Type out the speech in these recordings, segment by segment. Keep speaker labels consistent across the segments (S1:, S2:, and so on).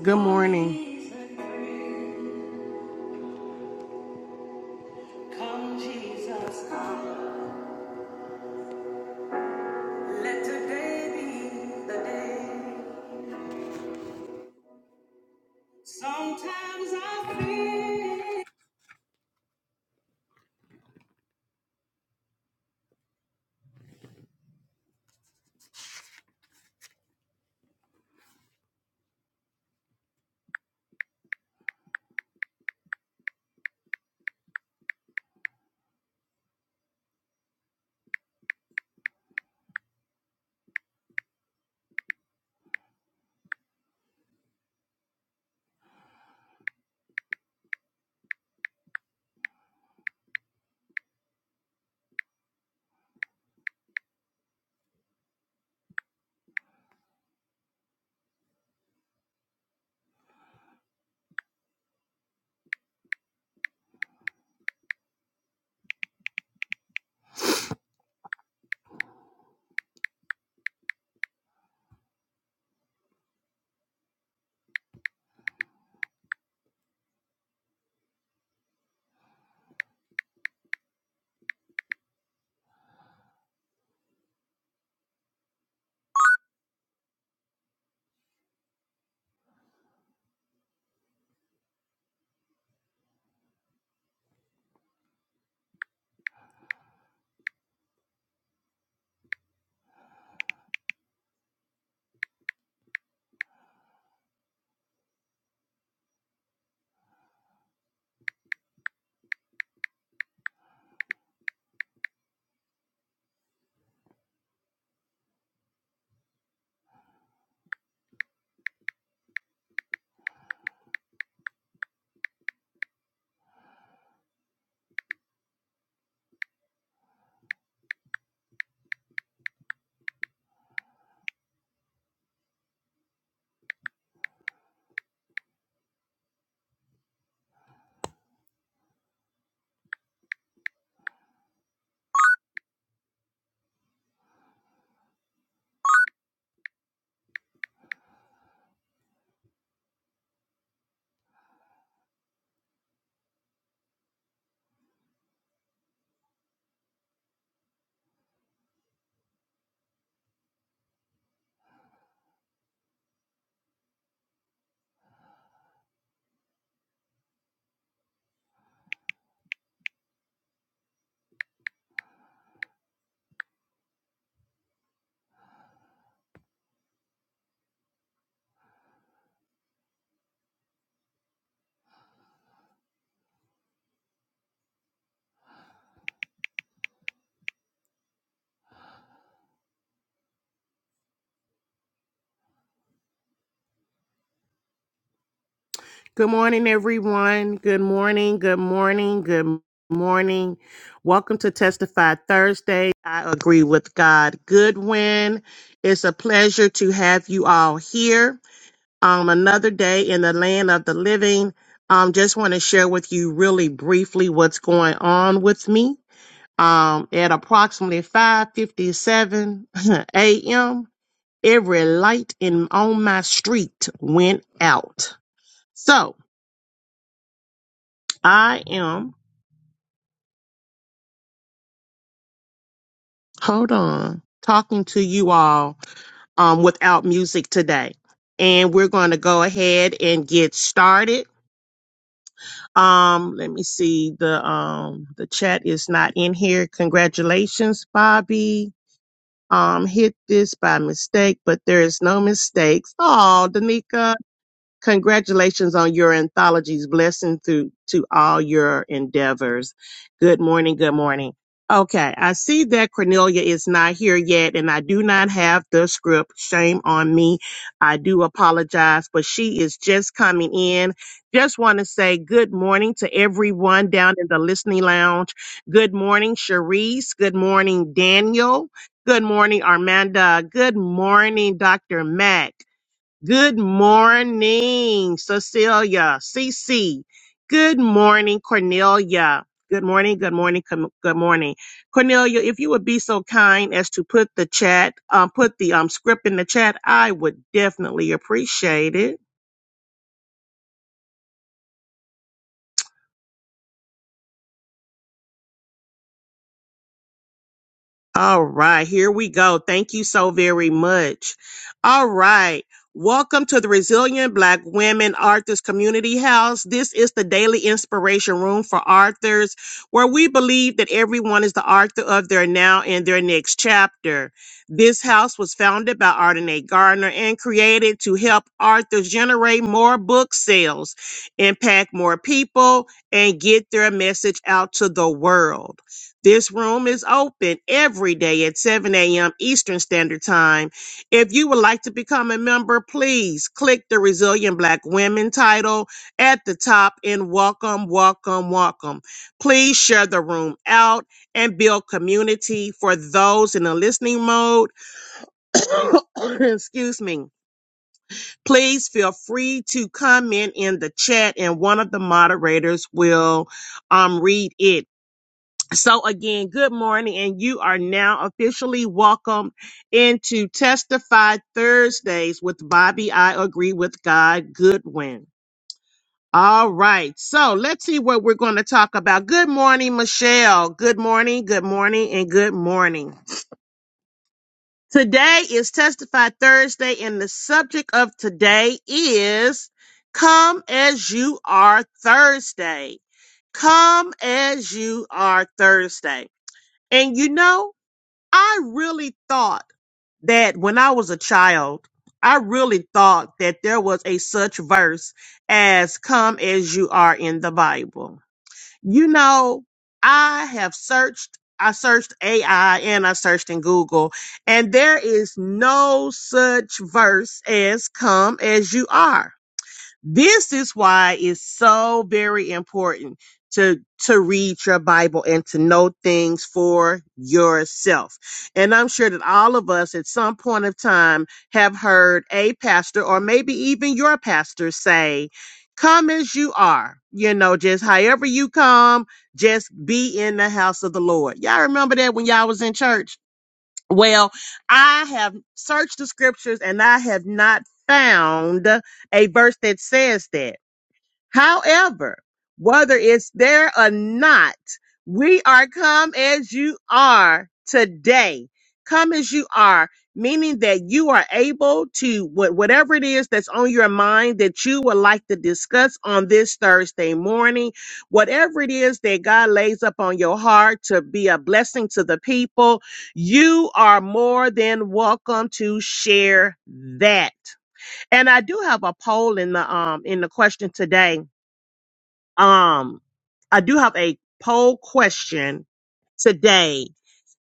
S1: Good morning. Good morning, everyone. Good morning. Good morning. Good morning. Welcome to Testify Thursday. I agree with God. Goodwin, it's a pleasure to have you all here. Um, another day in the land of the living. Um, just want to share with you really briefly what's going on with me. Um, at approximately 5:57 a.m., every light in on my street went out. So, I am, hold on, talking to you all um, without music today. And we're going to go ahead and get started. Um, let me see. The um the chat is not in here. Congratulations, Bobby. Um, hit this by mistake, but there is no mistakes. Oh, Danica. Congratulations on your anthologies. Blessing through to all your endeavors. Good morning. Good morning. Okay, I see that Cornelia is not here yet, and I do not have the script. Shame on me. I do apologize, but she is just coming in. Just want to say good morning to everyone down in the listening lounge. Good morning, Cherise. Good morning, Daniel. Good morning, Armanda. Good morning, Dr. Mac. Good morning, Cecilia. CC. Good morning, Cornelia. Good morning, good morning, com- good morning. Cornelia, if you would be so kind as to put the chat, um, put the um, script in the chat, I would definitely appreciate it. All right, here we go. Thank you so very much. All right. Welcome to the Resilient Black Women Authors Community House. This is the daily inspiration room for authors where we believe that everyone is the author of their now and their next chapter. This house was founded by Ardenae Gardner and created to help authors generate more book sales, impact more people, and get their message out to the world. This room is open every day at 7 a.m. Eastern Standard Time. If you would like to become a member, please click the Resilient Black Women title at the top and welcome, welcome, welcome. Please share the room out and build community for those in the listening mode. Excuse me. Please feel free to comment in the chat and one of the moderators will um, read it. So again, good morning, and you are now officially welcome into Testify Thursdays with Bobby. I agree with God Goodwin. All right, so let's see what we're going to talk about. Good morning, Michelle. Good morning, good morning, and good morning. Today is Testify Thursday, and the subject of today is Come as You Are Thursday. Come as You Are Thursday. And you know, I really thought that when I was a child, I really thought that there was a such verse as come as you are in the Bible. You know, I have searched, I searched AI and I searched in Google, and there is no such verse as come as you are. This is why it's so very important to, to read your Bible and to know things for yourself. And I'm sure that all of us at some point of time have heard a pastor or maybe even your pastor say, come as you are, you know, just however you come, just be in the house of the Lord. Y'all remember that when y'all was in church? Well, I have searched the scriptures and I have not found a verse that says that. However, whether it's there or not, we are come as you are today. Come as you are, meaning that you are able to, wh- whatever it is that's on your mind that you would like to discuss on this Thursday morning, whatever it is that God lays up on your heart to be a blessing to the people, you are more than welcome to share that. And I do have a poll in the, um, in the question today um, I do have a poll question today,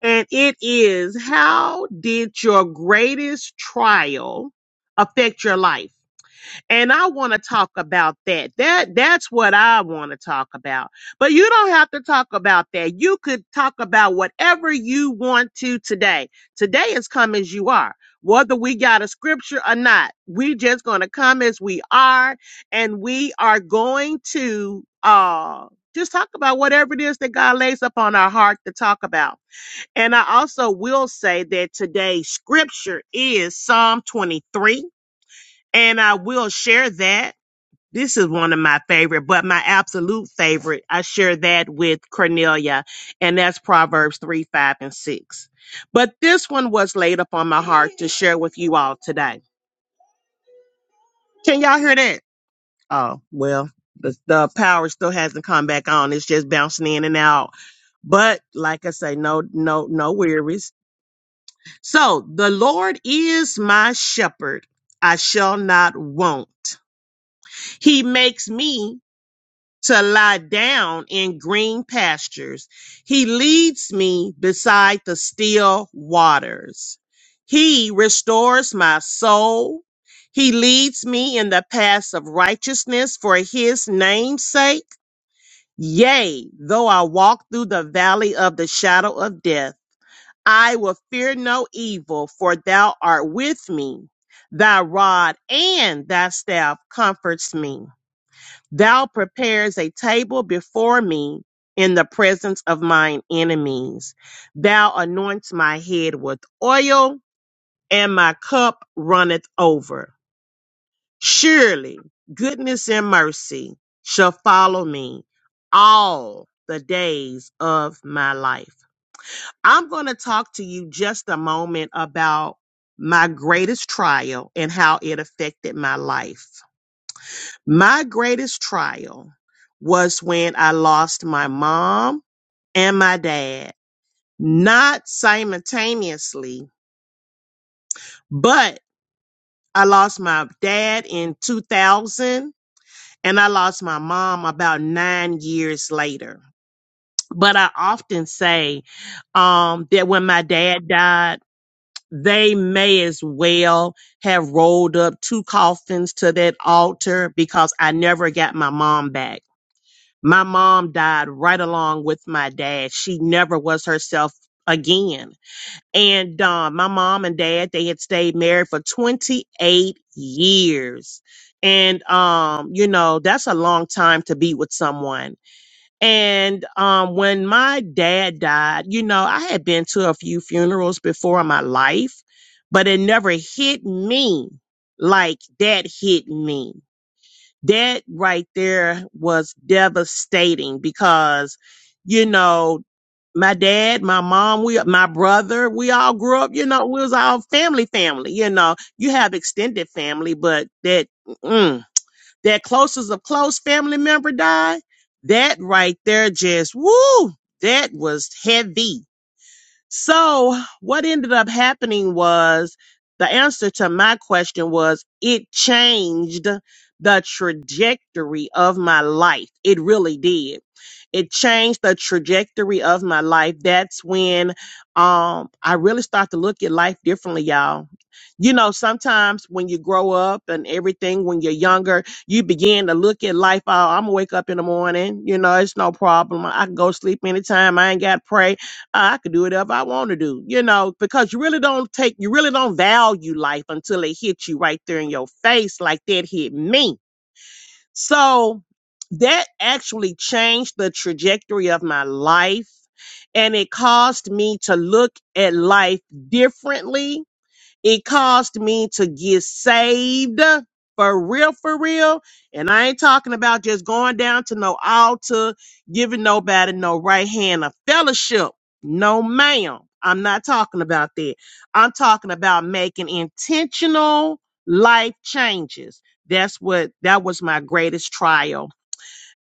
S1: and it is: How did your greatest trial affect your life? And I want to talk about that. That that's what I want to talk about. But you don't have to talk about that. You could talk about whatever you want to today. Today is come as you are. Whether we got a scripture or not, we just going to come as we are and we are going to uh just talk about whatever it is that God lays upon our heart to talk about. And I also will say that today's scripture is Psalm 23 and I will share that this is one of my favorite, but my absolute favorite. I share that with Cornelia, and that's Proverbs 3, 5, and 6. But this one was laid upon my heart to share with you all today. Can y'all hear that? Oh, well, the, the power still hasn't come back on. It's just bouncing in and out. But like I say, no, no, no wearies. So the Lord is my shepherd. I shall not want. He makes me to lie down in green pastures. He leads me beside the still waters. He restores my soul. He leads me in the paths of righteousness for his name's sake. Yea, though I walk through the valley of the shadow of death, I will fear no evil, for thou art with me. Thy rod and thy staff comforts me. Thou preparest a table before me in the presence of mine enemies. Thou anoints my head with oil, and my cup runneth over. Surely goodness and mercy shall follow me all the days of my life. I'm going to talk to you just a moment about my greatest trial and how it affected my life. My greatest trial was when I lost my mom and my dad, not simultaneously, but I lost my dad in 2000 and I lost my mom about nine years later. But I often say um, that when my dad died, they may as well have rolled up two coffins to that altar because I never got my mom back My mom died right along with my dad. She never was herself again. And uh, my mom and dad, they had stayed married for 28 years. And, um, you know, that's a long time to be with someone. And um, when my dad died, you know, I had been to a few funerals before in my life, but it never hit me like that hit me that right there was devastating because you know my dad my mom we my brother we all grew up you know we was all family family you know you have extended family but that mm, that closest of close family member died that right there just woo that was heavy so, what ended up happening was the answer to my question was it changed the trajectory of my life. It really did. It changed the trajectory of my life. That's when um I really start to look at life differently, y'all. You know, sometimes when you grow up and everything, when you're younger, you begin to look at life. Oh, I'm gonna wake up in the morning. You know, it's no problem. I can go sleep anytime. I ain't got to pray. I could do whatever I want to do, you know, because you really don't take, you really don't value life until it hits you right there in your face, like that hit me. So that actually changed the trajectory of my life. And it caused me to look at life differently it caused me to get saved for real, for real. And I ain't talking about just going down to no altar, giving nobody no right hand of fellowship. No, ma'am. I'm not talking about that. I'm talking about making intentional life changes. That's what that was my greatest trial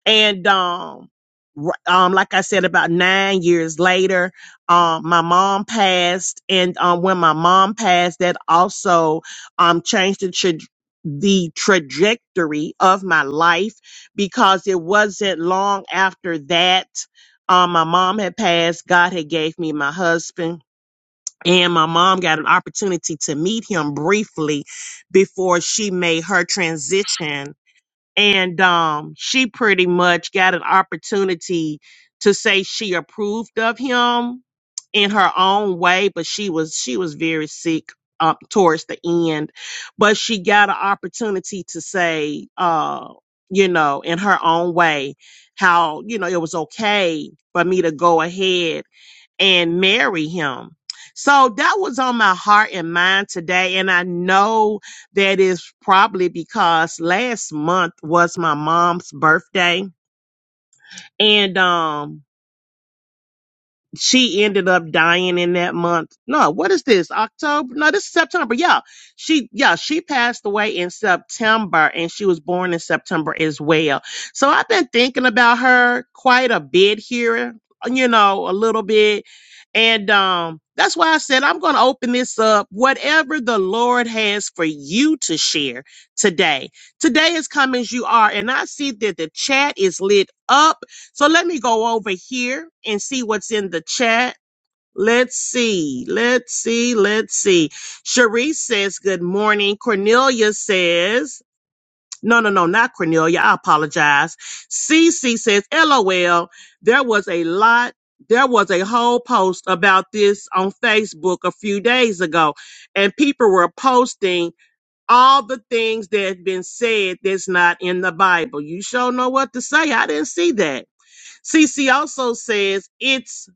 S1: and um, r- um, like I said, about nine years later, um, my mom passed, and um, when my mom passed, that also um changed the tra- the trajectory of my life because it wasn't long after that. Um, my mom had passed. God had gave me my husband. And my mom got an opportunity to meet him briefly before she made her transition and um, she pretty much got an opportunity to say she approved of him in her own way, but she was she was very sick up towards the end, but she got an opportunity to say, uh, you know, in her own way, how you know it was okay for me to go ahead and marry him. So that was on my heart and mind today. And I know that is probably because last month was my mom's birthday. And, um, she ended up dying in that month. No, what is this? October? No, this is September. Yeah. She yeah, she passed away in September and she was born in September as well. So I've been thinking about her quite a bit here, you know, a little bit. And um that's why I said I'm going to open this up whatever the Lord has for you to share today. Today is come as you are and I see that the chat is lit up so let me go over here and see what's in the chat. Let's see. Let's see. Let's see. Sharice says, Good morning. Cornelia says, No, no, no, not Cornelia. I apologize. CC says, LOL. There was a lot. There was a whole post about this on Facebook a few days ago, and people were posting all the things that have been said that's not in the Bible. You sure know what to say. I didn't see that. CC also says it's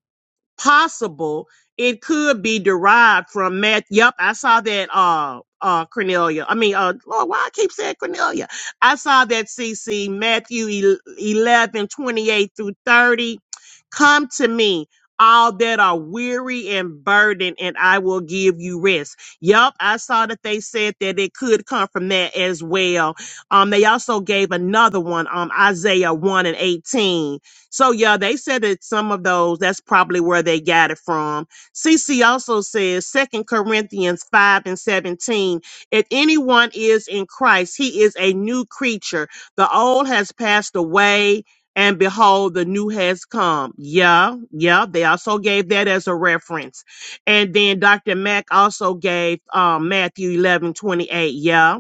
S1: possible it could be derived from Matt. Yep, I saw that. Uh, uh, Cornelia. I mean, uh, Lord, why I keep saying Cornelia? I saw that CC Matthew 11 28 through 30. Come to me, all that are weary and burdened, and I will give you rest. Yep, I saw that they said that it could come from that as well. Um, they also gave another one, um, Isaiah 1 and 18 so yeah, they said that some of those, that's probably where they got it from. CC also says Second Corinthians 5 and 17, if anyone is in Christ, he is a new creature. The old has passed away and behold, the new has come. Yeah, yeah. They also gave that as a reference. And then Dr. Mack also gave um, Matthew 11 28. Yeah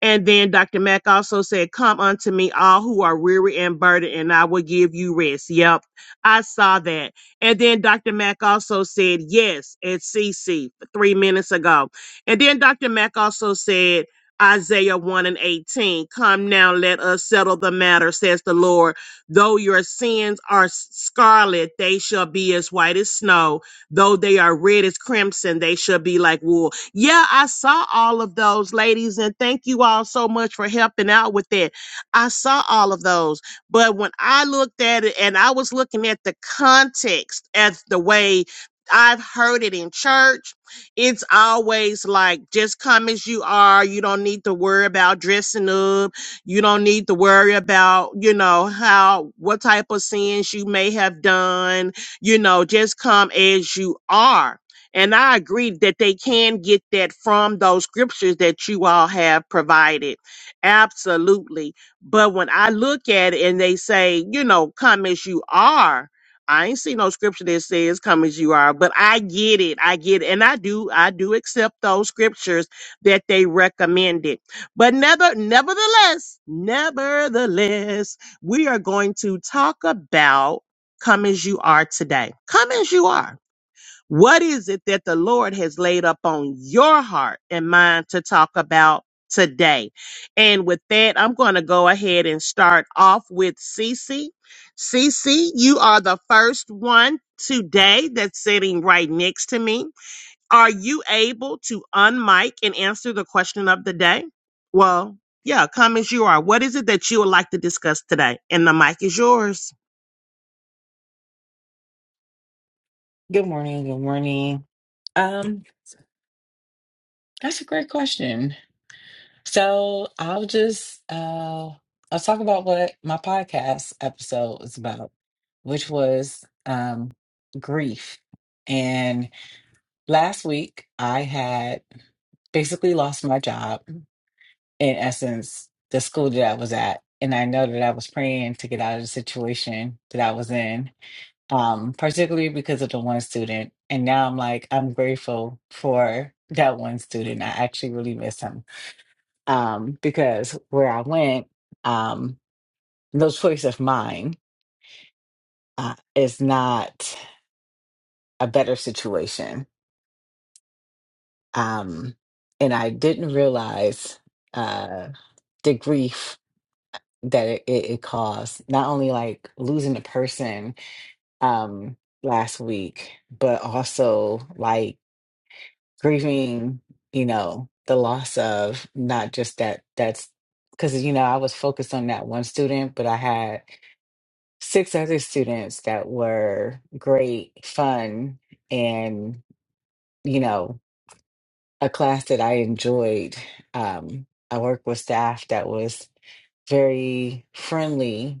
S1: and then Dr. Mack also said, Come unto me, all who are weary and burdened, and I will give you rest. Yep, I saw that. And then Dr. Mack also said, Yes, at CC three minutes ago. And then Dr. Mack also said, Isaiah 1 and 18, Come now, let us settle the matter, says the Lord. Though your sins are scarlet, they shall be as white as snow Though they are red as crimson, they should be like wool. Yeah, I saw all of those ladies, and thank you all so much for helping out with that. I saw all of those. But when I looked at it and I was looking at the context as the way I've heard it in church, it's always like, just come as you are. You don't need to worry about dressing up. You don't need to worry about, you know, how, what type of sins you may have done you know, just come as you are. And I agree that they can get that from those scriptures that you all have provided. Absolutely. But when I look at it and they say, you know, come as you are, I ain't see no scripture that says come as you are, but I get it. I get it. And I do, I do accept those scriptures that they recommended. But never, nevertheless, nevertheless, we are going to talk about Come as you are today. Come as you are. What is it that the Lord has laid up on your heart and mind to talk about today? And with that, I'm going to go ahead and start off with Cece. Cece, you are the first one today that's sitting right next to me. Are you able to unmic and answer the question of the day? Well, yeah, come as you are. What is it that you would like to discuss today? And the mic is yours.
S2: Good morning. Good morning. Um, that's a great question. So I'll just uh I'll talk about what my podcast episode is about, which was um grief. And last week I had basically lost my job, in essence, the school that I was at. And I know that I was praying to get out of the situation that I was in um, particularly because of the one student. And now I'm like, I'm grateful for that one student. I actually really miss him um, because where I went, um, no choice of mine uh, is not a better situation. Um, and I didn't realize uh, the grief that it, it, it caused, not only like losing a person um, last week, but also like. grieving you know the loss of not just that that's because you know i was focused on that one student but i had six other students that were great fun and you know a class that i enjoyed um, i worked with staff that was very friendly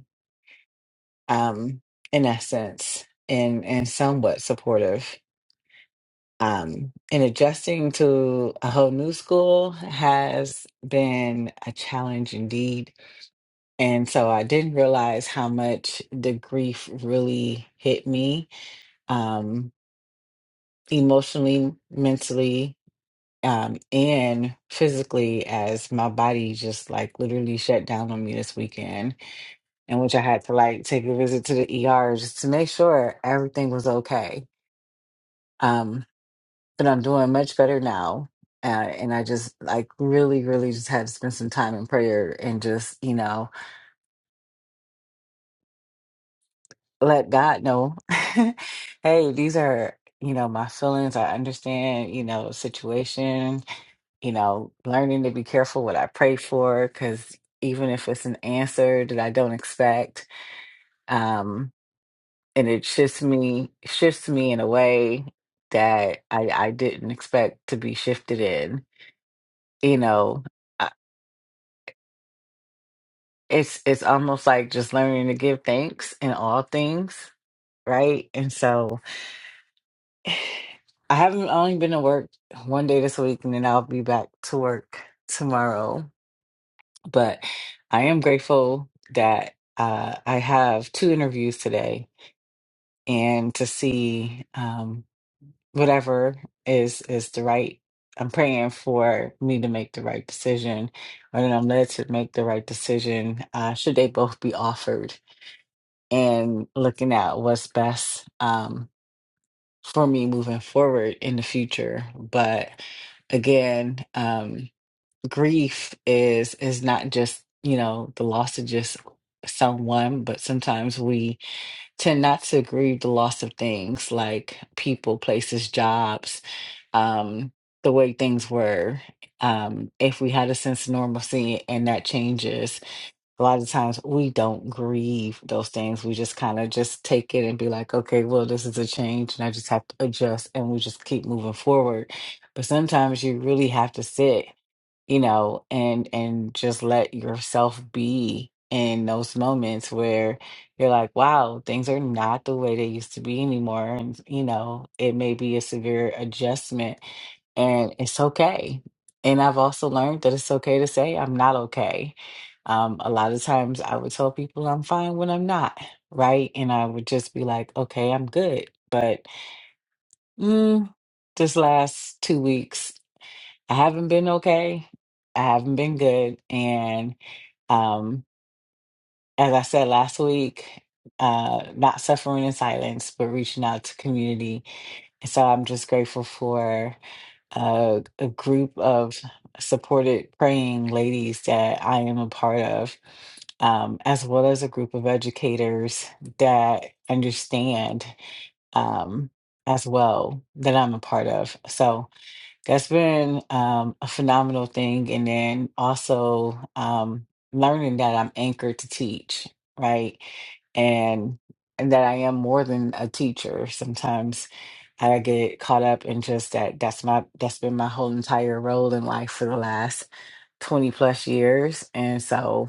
S2: um, in essence and and somewhat supportive Um, and adjusting to a whole new school has been a challenge indeed. And so I didn't realize how much the grief really hit me um, emotionally, mentally, um, and physically, as my body just like literally shut down on me this weekend, in which I had to like take a visit to the ER just to make sure everything was okay. Um, but I'm doing much better now. Uh, and I just like really, really just had to spend some time in prayer and just, you know, let God know, hey, these are, you know, my feelings. I understand, you know, situation, you know, learning to be careful what I pray for, because even if it's an answer that I don't expect, um, and it shifts me, shifts me in a way that I, I didn't expect to be shifted in, you know, it's it's almost like just learning to give thanks in all things, right? And so I haven't only been to work one day this week, and then I'll be back to work tomorrow. But I am grateful that uh, I have two interviews today, and to see um, whatever is is the right. I'm praying for me to make the right decision, or that I'm led to make the right decision. Uh, should they both be offered? and looking at what's best um, for me moving forward in the future. But again, um, grief is is not just you know the loss of just someone, but sometimes we tend not to grieve the loss of things like people, places, jobs, um, the way things were. Um, if we had a sense of normalcy and that changes, a lot of times we don't grieve those things. We just kind of just take it and be like, okay, well, this is a change and I just have to adjust and we just keep moving forward. But sometimes you really have to sit you know and and just let yourself be in those moments where you're like wow things are not the way they used to be anymore and you know it may be a severe adjustment and it's okay and i've also learned that it's okay to say i'm not okay um, a lot of times i would tell people i'm fine when i'm not right and i would just be like okay i'm good but mm, this last two weeks I haven't been okay. I haven't been good. And um, as I said last week, uh, not suffering in silence, but reaching out to community. And so I'm just grateful for uh, a group of supported praying ladies that I am a part of, um, as well as a group of educators that understand um, as well that I'm a part of. So that's been um, a phenomenal thing. And then also um, learning that I'm anchored to teach, right? And and that I am more than a teacher. Sometimes I get caught up in just that that's my that's been my whole entire role in life for the last 20 plus years. And so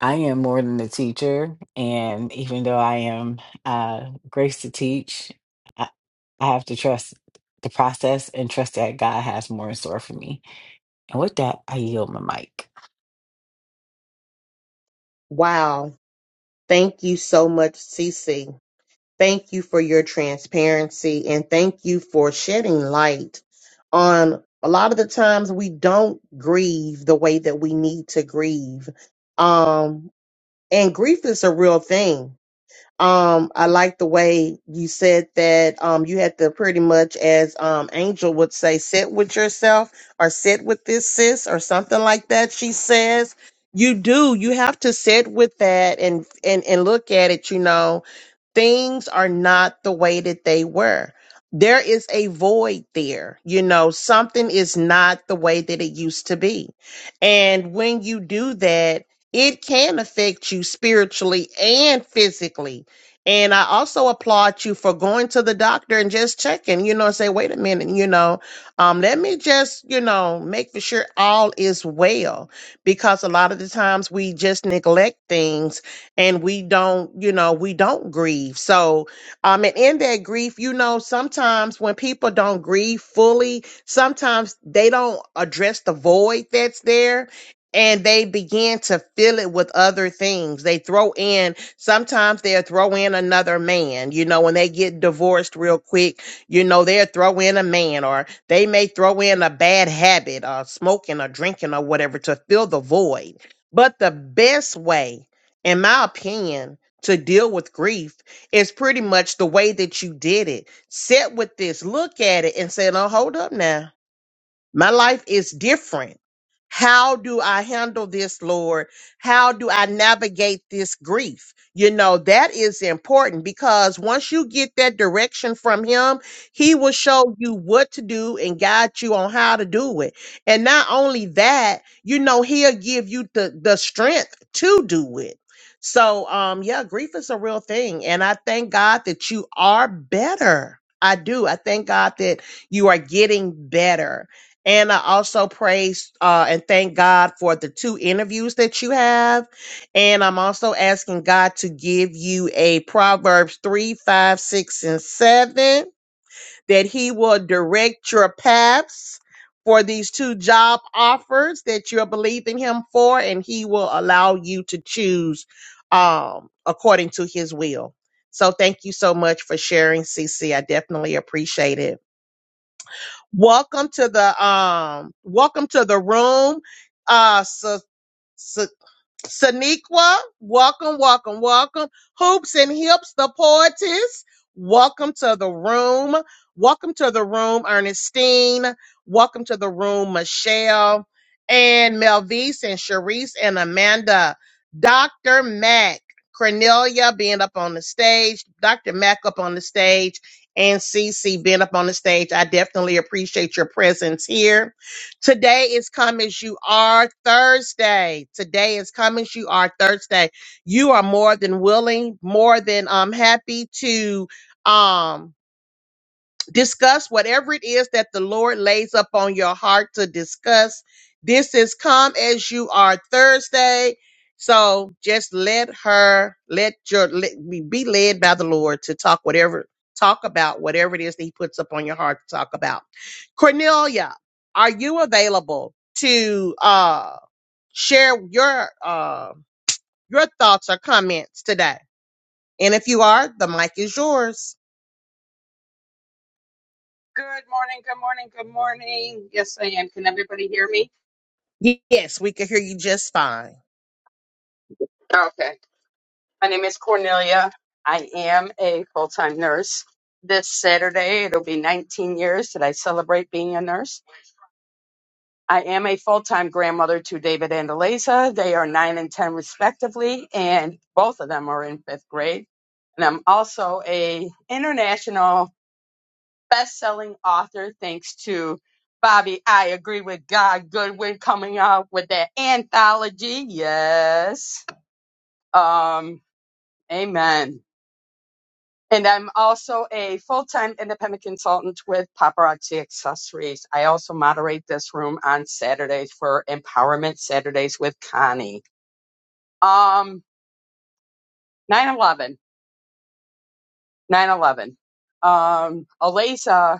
S2: I am more than a teacher, and even though I am uh, graced to teach, I, I have to trust the process and trust that God has more in store for me. And with that, I yield my mic.
S1: Wow. Thank you so much, Cece. Thank you for your transparency and thank you for shedding light on a lot of the times we don't grieve the way that we need to grieve. Um, and grief is a real thing um, I like the way you said that um you had to pretty much as um Angel would say, sit with yourself or sit with this sis or something like that. She says you do, you have to sit with that and and and look at it, you know things are not the way that they were. There is a void there. You know, something is not the way that it used to be. And when you do that, it can affect you spiritually and physically. And I also applaud you for going to the doctor and just checking, you know, and say, wait a minute, you know, um, let me just, you know, make for sure all is well. Because a lot of the times we just neglect things and we don't you know we don't grieve so um and in that grief you know sometimes when people don't grieve fully sometimes they don't address the void that's there and they begin to fill it with other things they throw in sometimes they'll throw in another man you know when they get divorced real quick you know they'll throw in a man or they may throw in a bad habit or smoking or drinking or whatever to fill the void but the best way in my opinion, to deal with grief is pretty much the way that you did it. Sit with this, look at it, and say, "No, hold up now. My life is different. How do I handle this, Lord? How do I navigate this grief? You know, that is important because once you get that direction from Him, He will show you what to do and guide you on how to do it. And not only that, you know, He'll give you the, the strength to do it. So, um, yeah, grief is a real thing. And I thank God that you are better. I do. I thank God that you are getting better and I also praise uh, and thank God for the two interviews that you have. And I'm also asking God to give you a Proverbs 3, 5, 6, and 7, that He will direct your paths for these two job offers that you're believing Him for, and He will allow you to choose um, according to His will. So thank you so much for sharing, CC. I definitely appreciate it. Welcome to the um welcome to the room. Uh so, Saniqua, welcome, welcome, welcome. Hoops and Hips, the poetess, welcome to the room. Welcome to the room, Ernestine. Welcome to the room, Michelle and Melvise and Sharice and Amanda. Dr. Mac, Cornelia being up on the stage, Dr. Mac up on the stage, and Cece being up on the stage. I definitely appreciate your presence here. Today is Come As You Are Thursday. Today is Come As You Are Thursday. You are more than willing, more than um, happy to. Um, discuss whatever it is that the Lord lays up on your heart to discuss. This is Come As You Are Thursday. So just let her, let your, let, be be led by the Lord to talk whatever, talk about whatever it is that he puts up on your heart to talk about. Cornelia, are you available to, uh, share your, uh, your thoughts or comments today? And if you are, the mic is yours.
S3: Good morning, good morning, good morning. Yes, I am. Can everybody hear me?
S1: Yes, we can hear you just fine.
S3: Okay. My name is Cornelia. I am a full time nurse. This Saturday, it'll be 19 years that I celebrate being a nurse. I am a full time grandmother to David and Eliza. They are nine and 10, respectively, and both of them are in fifth grade. And I'm also a international best-selling author thanks to Bobby I Agree with God Goodwin coming out with that anthology. Yes. Um amen. And I'm also a full-time independent consultant with Paparazzi Accessories. I also moderate this room on Saturdays for Empowerment Saturdays with Connie. Um 9/11. Um Aliza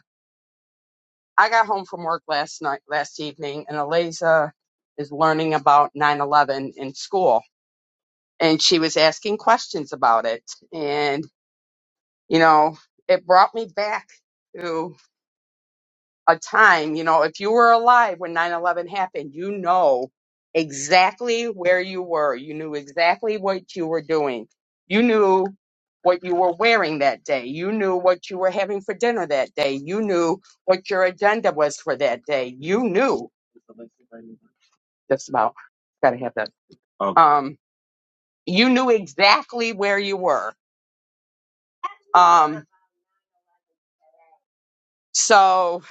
S3: I got home from work last night, last evening, and Eliza is learning about 9 11 in school. And she was asking questions about it. And, you know, it brought me back to a time, you know, if you were alive when nine eleven happened, you know exactly where you were. You knew exactly what you were doing. You knew what you were wearing that day. You knew what you were having for dinner that day. You knew what your agenda was for that day. You knew just about gotta have that. Um, you knew exactly where you were. Um, so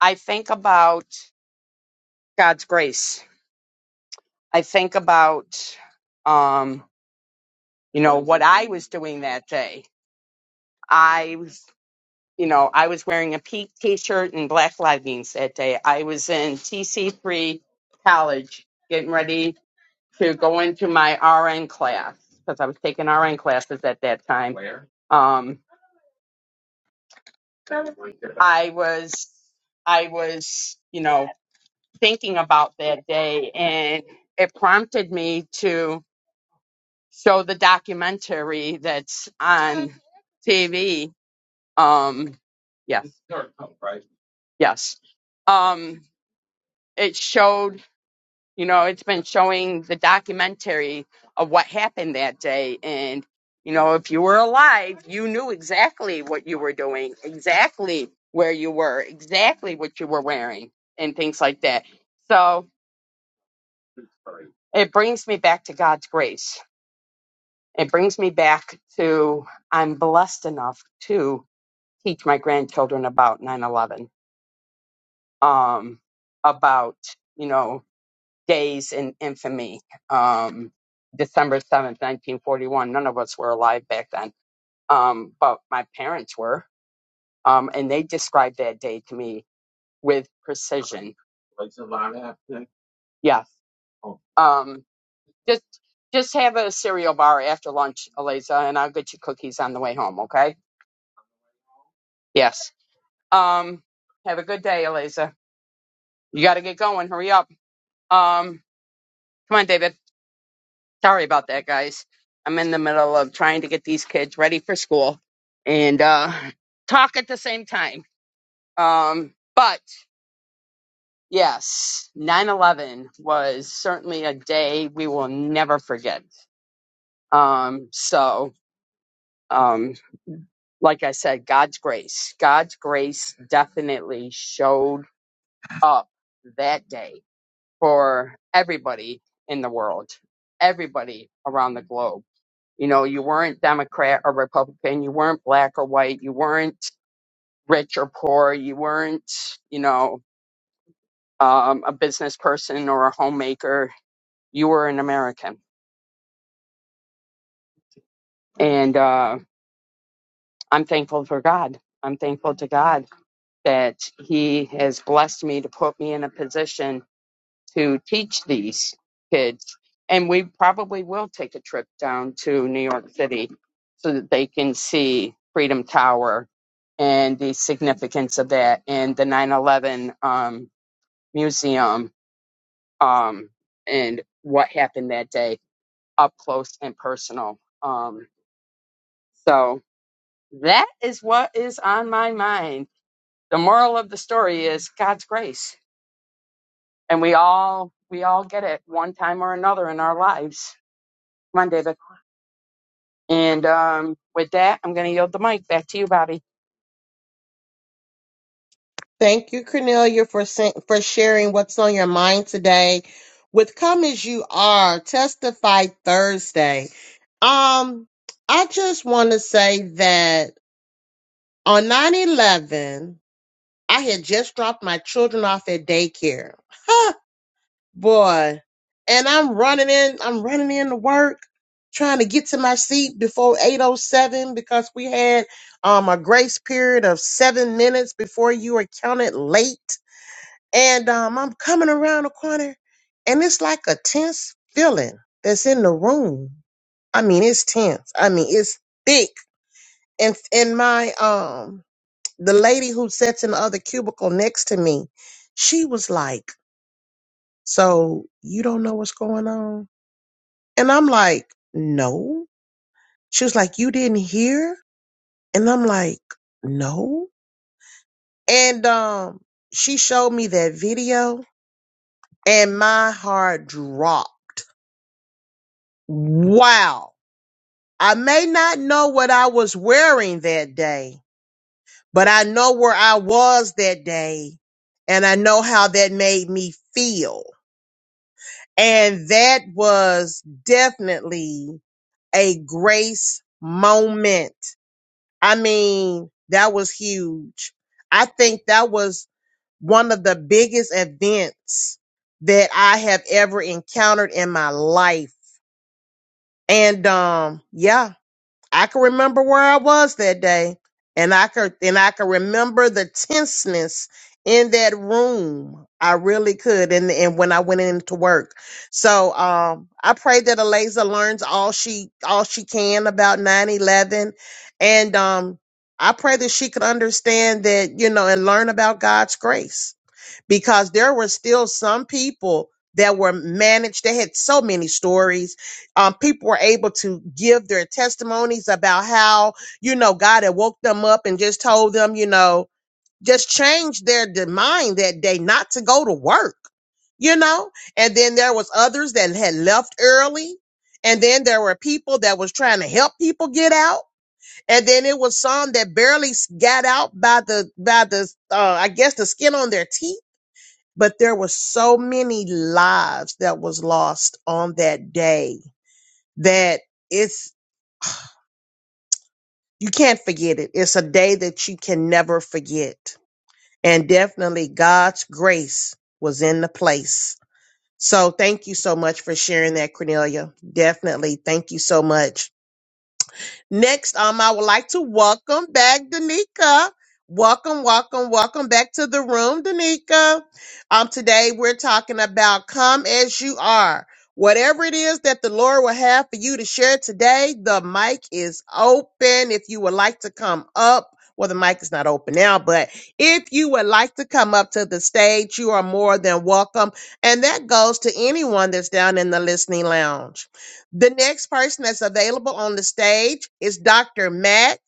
S3: I think about God's grace I think about, um, you know, what I was doing that day. I was, you know, I was wearing a pink t-shirt and black leggings that day. I was in TC3 college getting ready to go into my RN class because I was taking RN classes at that time. Where? Um, I was, I was, you know, thinking about that day and it prompted me to. show the documentary that's on TV. Um, yeah. Yes. Um, it showed, you know, it's been showing the documentary of what happened that day. And, you know, if you were alive, you knew exactly what you were doing, exactly where you were, exactly what you were wearing, and things like that. So it brings me back to God's grace It brings me back to I'm blessed enough to teach my grandchildren about 9 11, um, about, you know, days in infamy, um, December 7th, 1941. None of us were alive back then, um, but my parents were. Um, and they described that day to me with precision. Yeah. Um, just, just have a cereal bar after lunch, Eliza, and I'll get you cookies on the way home, okay? Yes. Um, have a good day, Eliza. You got to get going. Hurry up. Um, come on, David. Sorry about that, guys. I'm in the middle of trying to get these kids ready for school and uh, talk at the same time. Um, but yes, 9 11 was certainly a day we will never forget. Um, so, um, like I said, God's grace, God's grace definitely showed up that day for everybody in the world, everybody around the globe. You know, you weren't Democrat or Republican, you weren't black or white, you weren't rich or poor, you weren't, you know, um, a business person or a homemaker. You were an American. And uh, I'm thankful for God. I'm thankful to God that He has blessed me to put me in a position to teach these kids. And we probably will take a trip down to New York City so that they can see Freedom Tower and the significance of that and the 9 11 um, museum um, and what happened that day up close and personal. Um, so that is what is on my mind. The moral of the story is God's grace. And we all we all get it one time or another in our lives. Come on, David. And um, with that, I'm going to yield the mic back to you, Bobby.
S1: Thank you, Cornelia, for sa- for sharing what's on your mind today with "Come as You Are." Testify Thursday. Um, I just want to say that on nine eleven, I had just dropped my children off at daycare. Huh, boy. And I'm running in, I'm running in to work, trying to get to my seat before 807 because we had um a grace period of seven minutes before you were counted late and um, I'm coming around the corner, and it's like a tense feeling that's in the room. I mean, it's tense. I mean, it's thick. And and my um, the lady who sits in the other cubicle next to me, she was like, "So you don't know what's going on?" And I'm like, "No." She was like, "You didn't hear?" And I'm like, "No." And um, she showed me that video, and my heart dropped Wow. I may not know what I was wearing that day, but I know where I was that day and I know how that made me feel. And that was definitely a grace moment. I mean, that was huge. I think that was one of the biggest events that I have ever encountered in my life. And um yeah, I can remember where I was that day, and I could and I could remember the tenseness in that room. I really could, and and when I went into work, so um, I pray that Eliza learns all she all she can about nine eleven, and um, I pray that she could understand that you know and learn about God's grace because there were still some people that were managed. They had so many stories. Um, people were able to give their testimonies about how, you know, God had woke them up and just told them, you know, just change their d- mind that day not to go to work, you know? And then there was others that had left early. And then there were people that was trying to help people get out. And then it was some that barely s- got out by the, by the, uh, I guess the skin on their teeth but there were so many lives that was lost on that day that it's you can't forget it it's a day that you can never forget and definitely god's grace was in the place so thank you so much for sharing that cornelia definitely thank you so much Next, um, I would like to welcome back Danica. Welcome, welcome, welcome back to the room, Danica. Um, today we're talking about come as you are. Whatever it is that the Lord will have for you to share today, the mic is open. If you would like to come up, well, the mic is not open now, but if you would like to come up to the stage, you are more than welcome. And that goes to anyone that's down in the listening lounge. The next person that's available on the stage is Dr. Mack.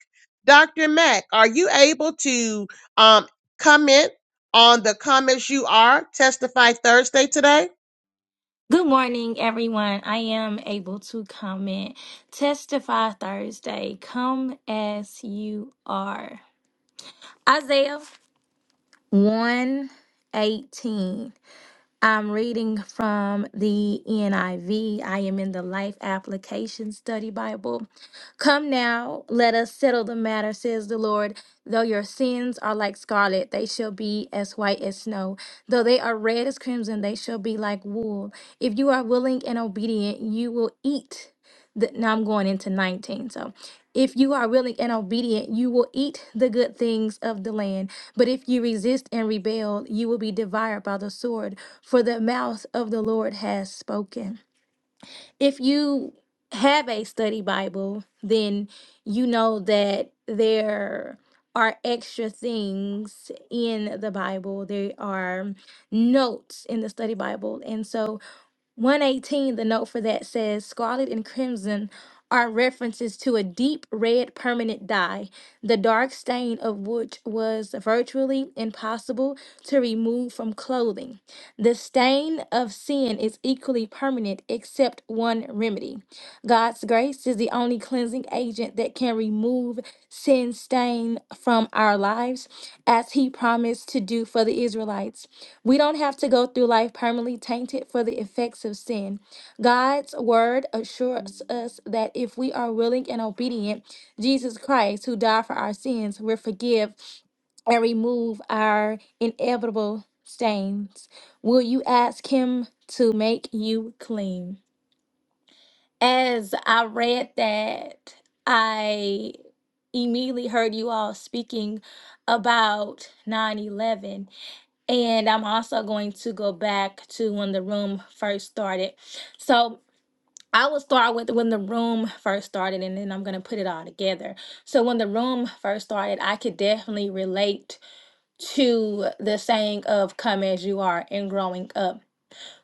S1: Dr. Mack, are you able to um, comment on the comments you are testify Thursday today?
S4: Good morning, everyone. I am able to comment. Testify Thursday. Come as you are. Isaiah 118. I'm reading from the NIV. I V. I am in the Life Application Study Bible. Come now, let us settle the matter, says the Lord. Though your sins are like scarlet, they shall be as white as snow. Though they are red as crimson, they shall be like wool. If you are willing and obedient, you will eat. The, now I'm going into 19. So, if you are willing and obedient, you will eat the good things of the land. But if you resist and rebel, you will be devoured by the sword for the mouth of the Lord has spoken. If you have a study Bible, then you know that there are extra things in the Bible. There are notes in the study Bible. And so 118, the note for that says scarlet and crimson are references to a deep red permanent dye, the dark stain of which was virtually impossible to remove from clothing. The stain of sin is equally permanent, except one remedy. God's grace is the only cleansing agent that can remove sin stain from our lives, as He promised to do for the Israelites. We don't have to go through life permanently tainted for the effects of sin. God's word assures us that if we are willing and obedient, Jesus Christ, who died for our sins, will forgive and remove our inevitable stains. Will you ask Him to make you clean? As I read that, I immediately heard you all speaking about 9 11. And I'm also going to go back to when the room first started. So I will start with when the room first started, and then I'm going to put it all together. So, when the room first started, I could definitely relate to the saying of come as you are and growing up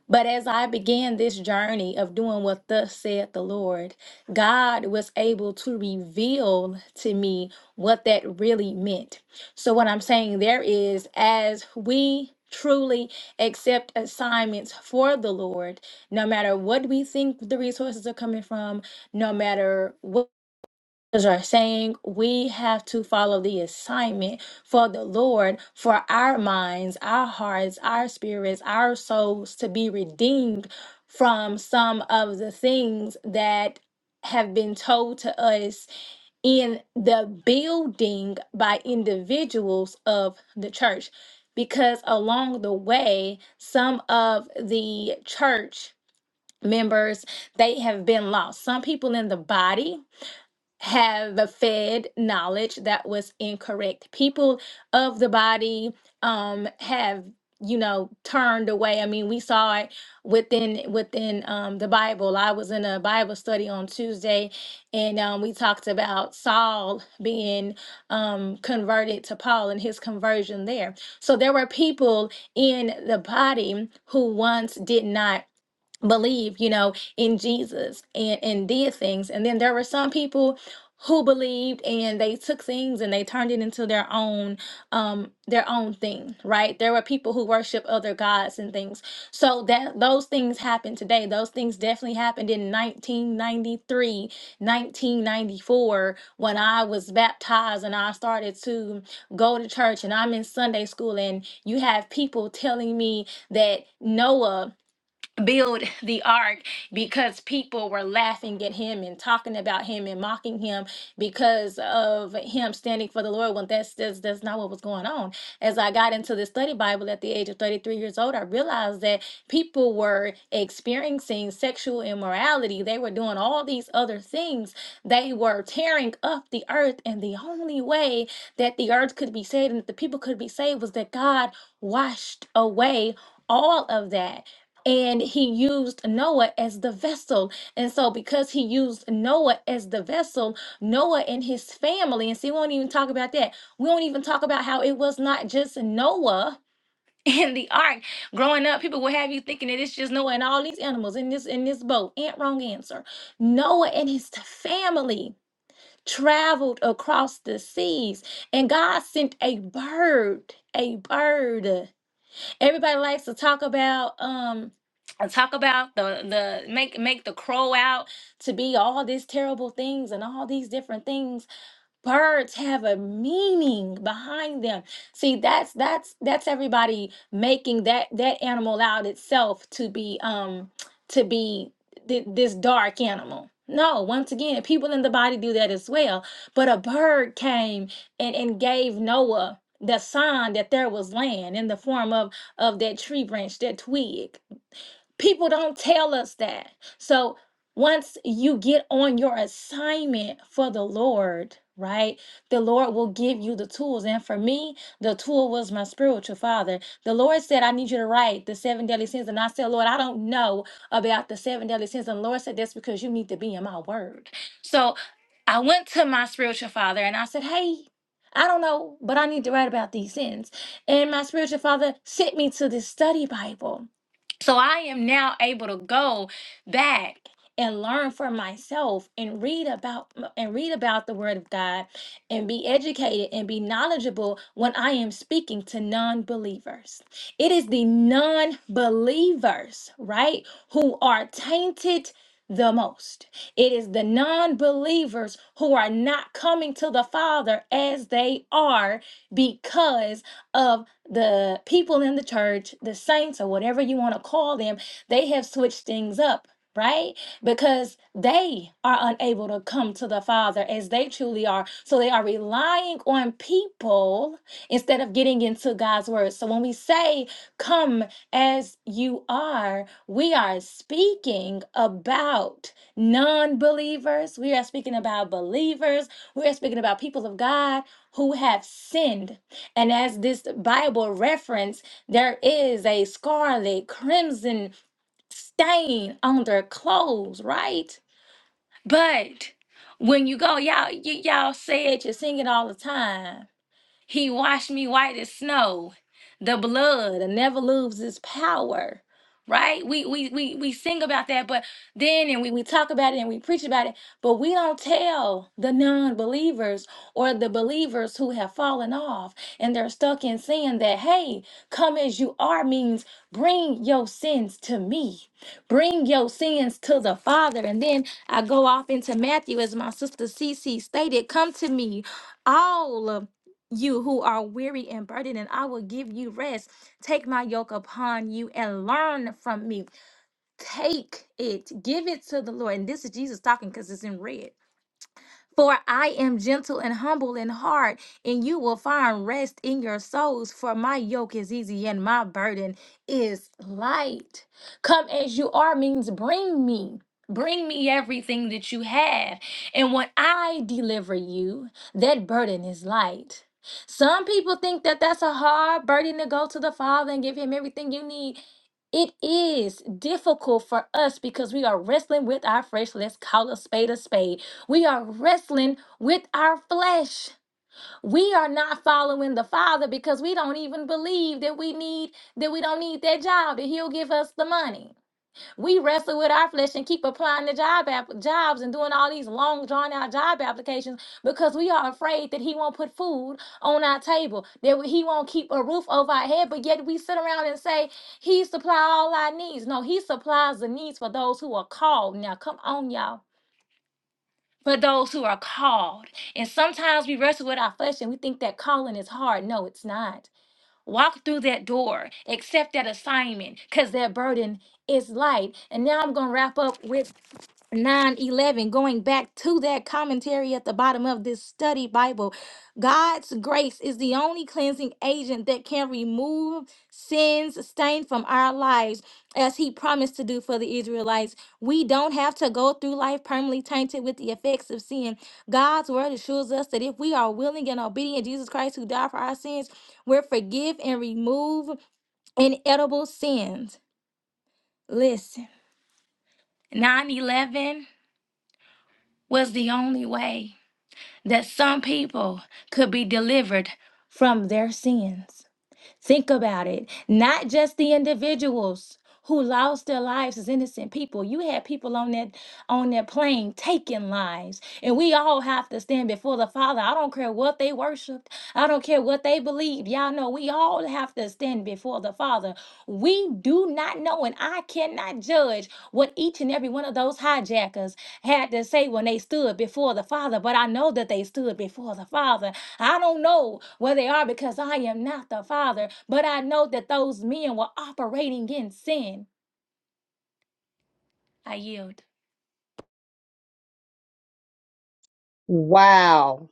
S4: but as I began this journey of doing what thus said the Lord, God was able to reveal to me what that really meant. So, what I'm saying there is, as we truly accept assignments for the Lord, no matter what we think the resources are coming from, no matter what pastors are saying we have to follow the assignment for the Lord for our minds, our hearts, our spirits, our souls to be redeemed from some of the things that have been told to us in the building by individuals of the church. Because along the way, some of the church members they have been lost some people in the body have fed knowledge that was incorrect. People of the body um have you know turned away. I mean, we saw it within within um the Bible. I was in a Bible study on Tuesday and um we talked about Saul being um converted to Paul and his conversion there. So there were people in the body who once did not believe, you know, in Jesus and, and did things. And then there were some people who believed and they took things and they turned it into their own um their own thing right there were people who worship other gods and things so that those things happen today those things definitely happened in 1993 1994 when i was baptized and i started to go to church and i'm in sunday school and you have people telling me that noah build the ark because people were laughing at him and talking about him and mocking him because of him standing for the Lord when that's that's, that's not what was going on. As I got into the study Bible at the age of 33 years old, I realized that people were experiencing sexual immorality. They were doing all these other things. They were tearing up the earth and the only way that the earth could be saved and that the people could be saved was that God washed away all of that and he used Noah as the vessel. And so, because he used Noah as the vessel, Noah and his family, and see, we won't even talk about that. We won't even talk about how it was not just Noah in the ark. Growing up, people will have you thinking that it's just Noah and all these animals in this in this boat. Ain't wrong answer. Noah and his family traveled across the seas, and God sent a bird, a bird. Everybody likes to talk about um and talk about the the make make the crow out to be all these terrible things and all these different things Birds have a meaning behind them. See, that's that's that's everybody making that that animal out itself to be um to be th- this dark animal. No, once again, people in the body do that as well. But a bird came and, and gave Noah the sign that there was land in the form of of that tree branch, that twig. People don't tell us that. So once you get on your assignment for the Lord, right, the Lord will give you the tools. And for me, the tool was my spiritual father. The Lord said, I need you to write the seven deadly sins. And I said, Lord, I don't know about the seven deadly sins. And the Lord said, That's because you need to be in my word. So I went to my spiritual father and I said, Hey, I don't know, but I need to write about these sins. And my spiritual father sent me to this study Bible. So I am now able to go back and learn for myself and read about and read about the word of God and be educated and be knowledgeable when I am speaking to non-believers. It is the non-believers, right, who are tainted the most. It is the non-believers who are not coming to the Father as they are because of the people in the church, the saints, or whatever you want to call them, they have switched things up. Right? Because they are unable to come to the Father as they truly are. So they are relying on people instead of getting into God's Word. So when we say, come as you are, we are speaking about non believers. We are speaking about believers. We are speaking about people of God who have sinned and as this Bible reference, there is a scarlet crimson stain on their clothes, right? But when you go, y'all, y- y'all say it, you sing it all the time. He washed me white as snow. The blood never loses its power. Right? We we we we sing about that, but then and we, we talk about it and we preach about it, but we don't tell the non-believers or the believers who have fallen off and they're stuck in sin that hey, come as you are means bring your sins to me. Bring your sins to the Father. And then I go off into Matthew as my sister Cece stated, come to me all you who are weary and burdened, and I will give you rest. Take my yoke upon you and learn from me. Take it, give it to the Lord. And this is Jesus talking because it's in red. For I am gentle and humble in heart, and you will find rest in your souls. For my yoke is easy and my burden is light. Come as you are means bring me. Bring me everything that you have. And when I deliver you, that burden is light. Some people think that that's a hard burden to go to the Father and give Him everything you need. It is difficult for us because we are wrestling with our flesh. Let's call a spade a spade. We are wrestling with our flesh. We are not following the Father because we don't even believe that we need that we don't need that job that He'll give us the money. We wrestle with our flesh and keep applying the job app- jobs and doing all these long drawn out job applications because we are afraid that he won't put food on our table, that he won't keep a roof over our head, but yet we sit around and say he supply all our needs. No, he supplies the needs for those who are called. Now, come on, y'all. For those who are called. And sometimes we wrestle with our flesh and we think that calling is hard. No, it's not Walk through that door, accept that assignment, because that burden is light. And now I'm going to wrap up with 9:11 going back to that commentary at the bottom of this study bible god's grace is the only cleansing agent that can remove sins stained from our lives as he promised to do for the israelites we don't have to go through life permanently tainted with the effects of sin god's word assures us that if we are willing and obedient to jesus christ who died for our sins we're forgive and remove inedible sins listen 9:11 was the only way that some people could be delivered from their sins. Think about it. Not just the individuals who lost their lives as innocent people. You had people on that on that plane taking lives. And we all have to stand before the Father. I don't care what they worshiped. I don't care what they believed. Y'all know we all have to stand before the Father. We do not know and I cannot judge what each and every one of those hijackers had to say when they stood before the Father, but I know that they stood before the Father. I don't know where they are because I am not the father, but I know that those men were operating in sin. I yield.
S1: Wow,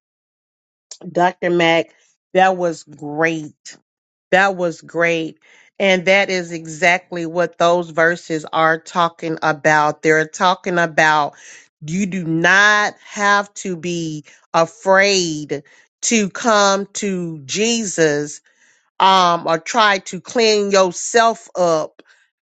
S1: Dr. Mack, that was great. That was great. And that is exactly what those verses are talking about. They're talking about you do not have to be afraid to come to Jesus um, or try to clean yourself up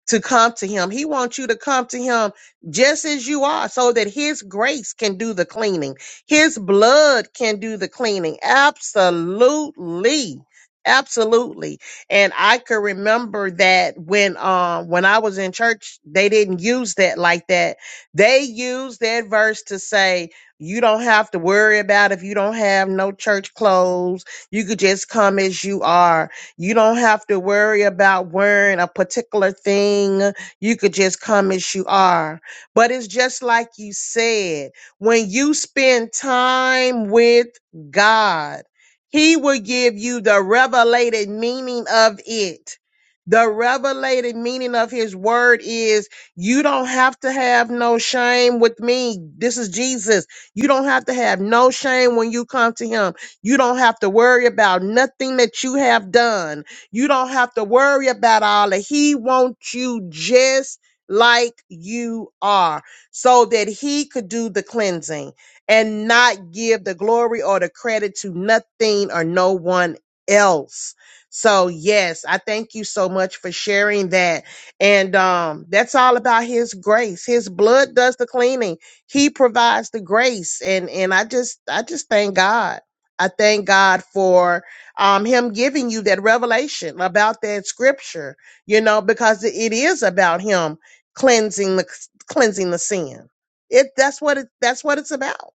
S1: to come to him. He wants you to come to him just as you are so that his grace can do the cleaning. His blood can do the cleaning. Absolutely. Absolutely. And I could remember that when um when I was in church, they didn't use that like that. They used that verse to say you don't have to worry about if you don't have no church clothes. You could just come as you are you don't have to worry about wearing a particular thing. You could just come as you are. But it's just like you said, when you spend time with God, He will give you the revelated meaning of it. The revelated meaning of his word is you don't have to have no shame with me. This is Jesus. You don't have to have no shame when you come to him. You don't have to worry about nothing that you have done. You don't have to worry about all that. He wants you just like you are so that he could do the cleansing and not give the glory or the credit to nothing or no one else. So yes, I thank you so much for sharing that. And um that's all about his grace. His blood does the cleaning. He provides the grace and and I just I just thank God. I thank God for um, Him giving you that revelation about that scripture, you know, because it it is about Him cleansing the cleansing the sin. It that's what it that's what it's about.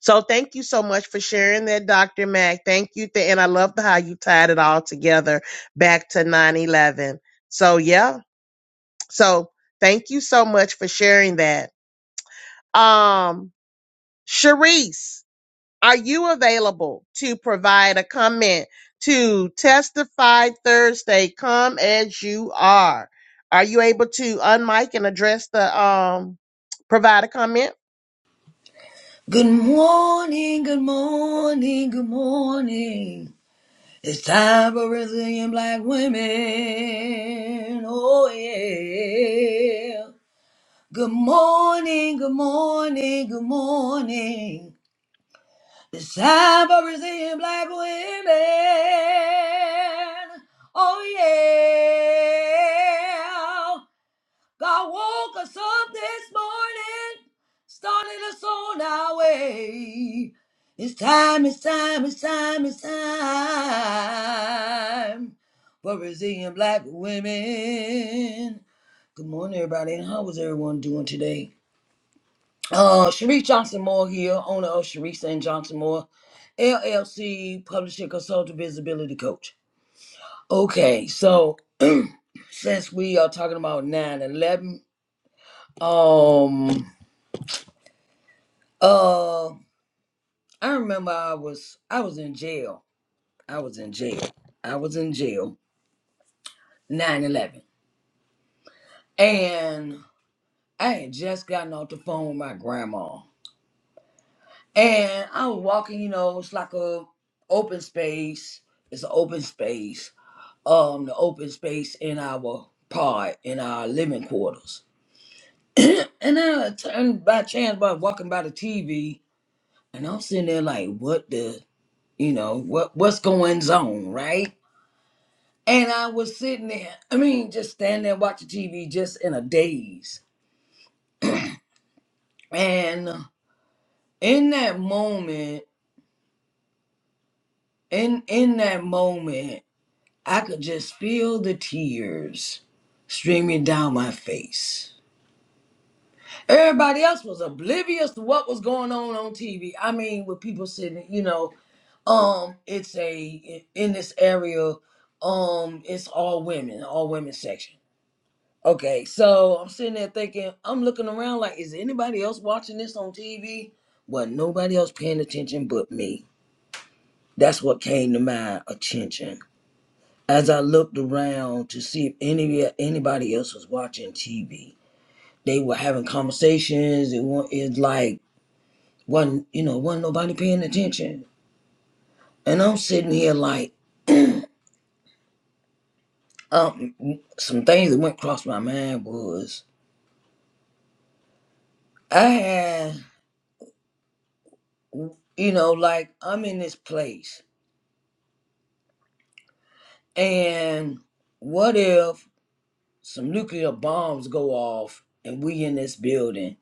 S1: So thank you so much for sharing that, Doctor Mac. Thank you, th- and I love the- how you tied it all together back to nine eleven. So yeah, so thank you so much for sharing that. Um, Sharice. Are you available to provide a comment to Testify Thursday? Come as you are. Are you able to unmic and address the um provide a comment?
S5: Good morning, good morning, good morning. It's time for resilient black women. Oh, yeah. Good morning, good morning, good morning. It's time for resilient black women. Oh, yeah. God woke us up this morning, started us on our way. It's time, it's time, it's time, it's time for Brazilian black women. Good morning, everybody. And how was everyone doing today? Uh, Sharice Johnson Moore here, owner of Sharice and Johnson Moore, LLC, publisher, consultant, visibility coach. Okay, so since we are talking about 9 11, um, Uh, I remember I was I was in jail. I was in jail. I was in jail. Nine eleven, And I had just gotten off the phone with my grandma. And I was walking, you know, it's like a open space. It's an open space. Um, the open space in our pod, in our living quarters. and I turned by chance by walking by the TV and I'm sitting there like, what the you know, what what's going on, right? And I was sitting there, I mean, just standing there watching TV, just in a daze. And in that moment, in in that moment, I could just feel the tears streaming down my face. Everybody else was oblivious to what was going on on TV. I mean, with people sitting, you know, um, it's a in this area, um, it's all women, all women section Okay, so I'm sitting there thinking, I'm looking around like, is anybody else watching this on TV? Well, nobody else paying attention but me. That's what came to my attention. As I looked around to see if any anybody else was watching TV, they were having conversations. It was it's like wasn't you know wasn't nobody paying attention, and I'm sitting here like, um, some things that went across my mind was I had you know like I'm in this place And what if some nuclear bombs go off and we in this building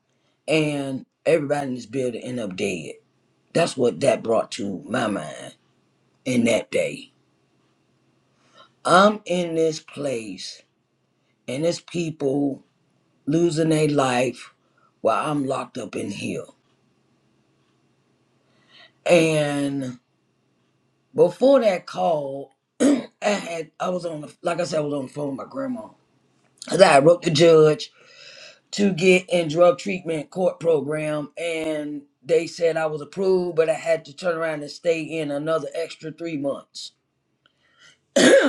S5: and everybody in this building end up dead? That's what that brought to my mind in that day. I'm in this place and it's people losing their life while I'm locked up in here. And before that call, I had I was on the like I said, I was on the phone with my grandma. 'Cause I wrote the judge to get in drug treatment court program and they said I was approved, but I had to turn around and stay in another extra three months.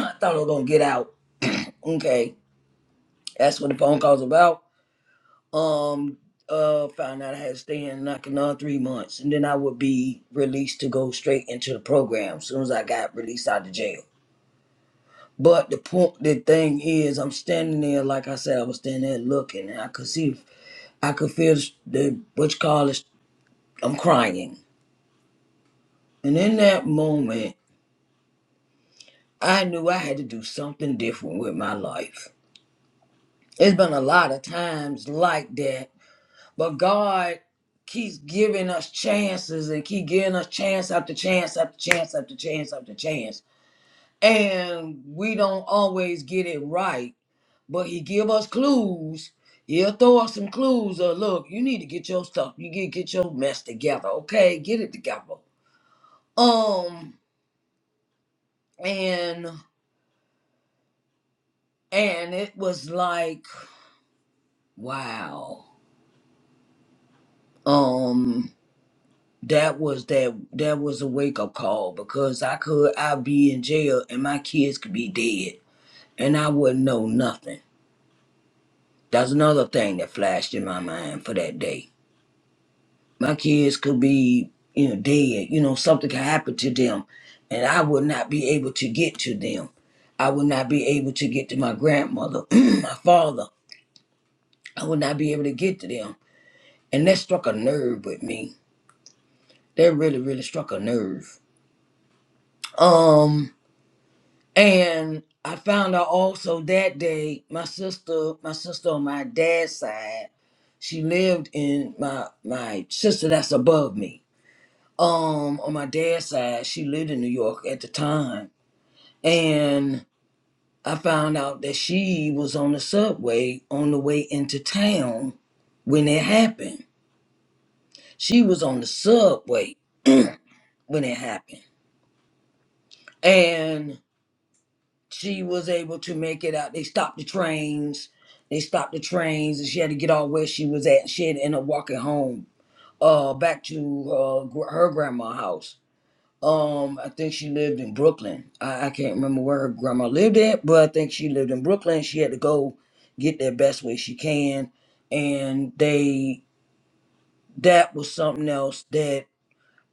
S5: I thought I was gonna get out. Okay. That's what the phone call's about. Um uh found out I had to stay in like another three months and then I would be released to go straight into the program as soon as I got released out of jail. But the point the thing is I'm standing there like I said, I was standing there looking and I could see I could feel the what you call it I'm crying And in that moment, I knew I had to do something different with my life. It's been a lot of times like that, but God keeps giving us chances and keep giving us chance after chance after chance after chance after chance. And we don't always get it right, but he give us clues. He'll throw us some clues or look, you need to get your stuff. You get get your mess together, okay? Get it together. Um and and it was like Wow. Um that was that that was a wake up call because I could I'd be in jail and my kids could be dead and I wouldn't know nothing. That's another thing that flashed in my mind for that day. My kids could be, you know, dead, you know, something could happen to them and I would not be able to get to them. I would not be able to get to my grandmother, my father. I would not be able to get to them. And that struck a nerve with me. That really, really struck a nerve Um, and I found out also that day, my sister, my sister on my dad's side, she lived in my my sister that's above me. Um, on my dad's side, she lived in New York at the time, and I found out that she was on the subway on the way into town when it happened. She was on the subway when it happened, and. she was able to make it out. They stopped the trains. They stopped the trains, and she had to get all where she was at. She had to end up walking home, uh, back to uh, gr- her grandma's house. Um, I think she lived in Brooklyn. I, I can't remember where her grandma lived at, but I think she lived in Brooklyn. She had to go get there best way she can, and they that was something else that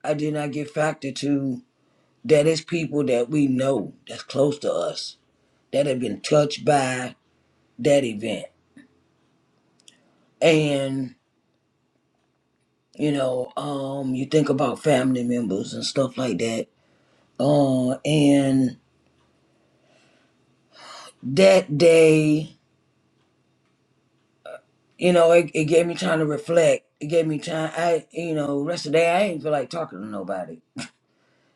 S5: I did not get factored to. That is people that we know that's close to us that have been touched by that event. And, you know, um, you think about family members and stuff like that. Uh, and that day, you know, it, it gave me time to reflect. It gave me time. I, you know, rest of the day, I ain't feel like talking to nobody.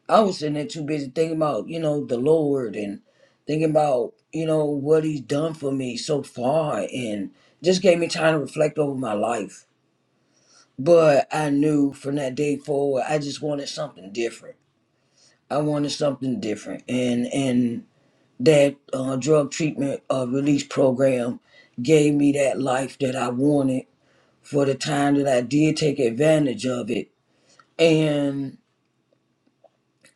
S5: I was sitting there too busy thinking about, you know, the Lord and thinking about, you know, what He's done for me so far. And just gave me time to reflect over my life. But I knew from that day forward, I just wanted something different I wanted something different, and and that uh, drug treatment uh, release program gave me that life that I wanted for the time that I did take advantage of it. And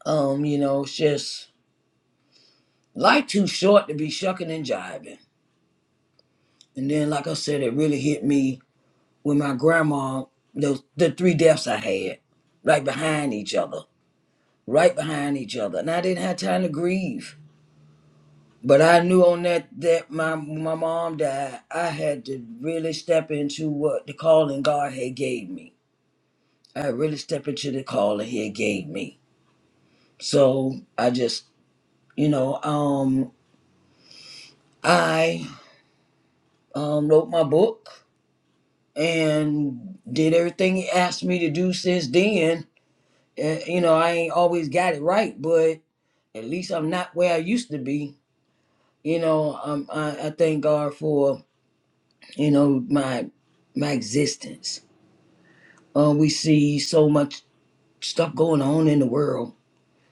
S5: um, you know, it's just life too short to be shucking and jiving. And then, like I said, it really hit me with my grandma. Those the three deaths I had right behind each other, right behind each other, and I didn't have time to grieve. But I knew on that that my my mom died, I had to really step into what the calling God had gave me. I had really step into the calling He had gave me. So I just, you know, um, I um, wrote my book and did everything He asked me to do since then. And, you know, I ain't always got it right, but at least I'm not where I used to be. You know, um, I, I thank God for you know my my existence Uh, we see so much stuff going on in the world,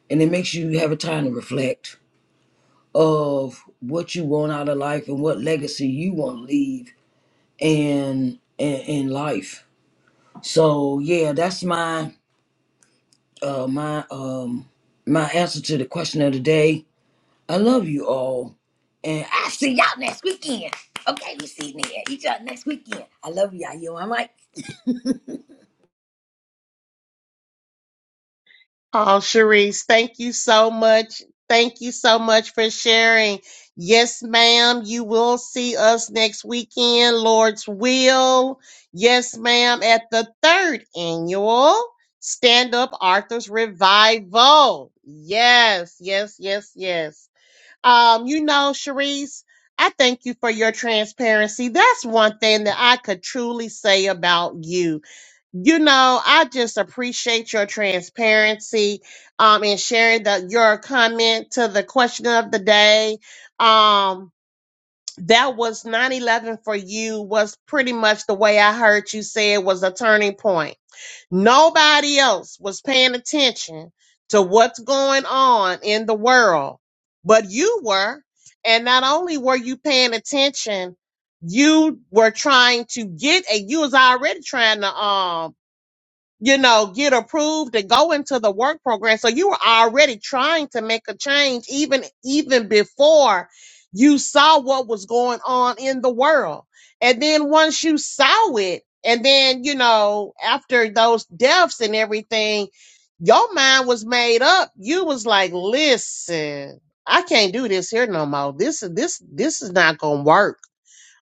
S5: and it makes you have a time to reflect of what you want out of life and what legacy you want to leave in, in in life. So yeah, that's my uh my um my answer to the question of the day. I love you all, and I see y'all next weekend. Okay, we see each other next weekend. I love y'all. You know, I'm like.
S1: Oh, Sharice, thank you so much. Thank you so much for sharing. Yes, ma'am. You will see us next weekend, Lord's will. Yes, ma'am, at the third annual Stand Up Arthur's Revival. Yes, yes, yes, yes. Um, you know, Sharice, I thank you for your transparency. That's one thing that I could truly say about you you know, I just appreciate your transparency um, and sharing the, your comment to the question of the day. Um, that was 9 11 for you, was pretty much the way I heard you say it was a turning point. Nobody else was paying attention to what's going on in the world, but you were. And not only were you paying attention, you were trying to get, and you was already trying to, um you know, get approved and go into the work program. So you were already trying to make a change even even before you saw what was going on in the world. And then once you saw it, and then, you know, after those deaths and everything, your mind was made up. You was like, listen, I can't do this here no more. This is this this is not gonna work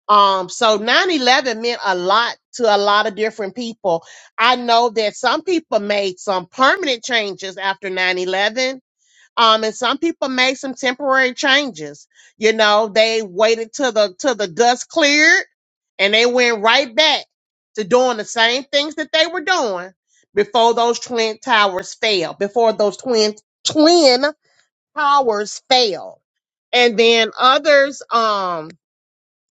S1: um, so 9-11 meant a lot to a lot of different people. I know that some people made some permanent changes after 9-11. Um, and some people made some temporary changes. You know, they waited till the till the dust cleared and they went right back to doing the same things that they were doing before those twin towers fell, before those twin twin towers fell. And then others, um,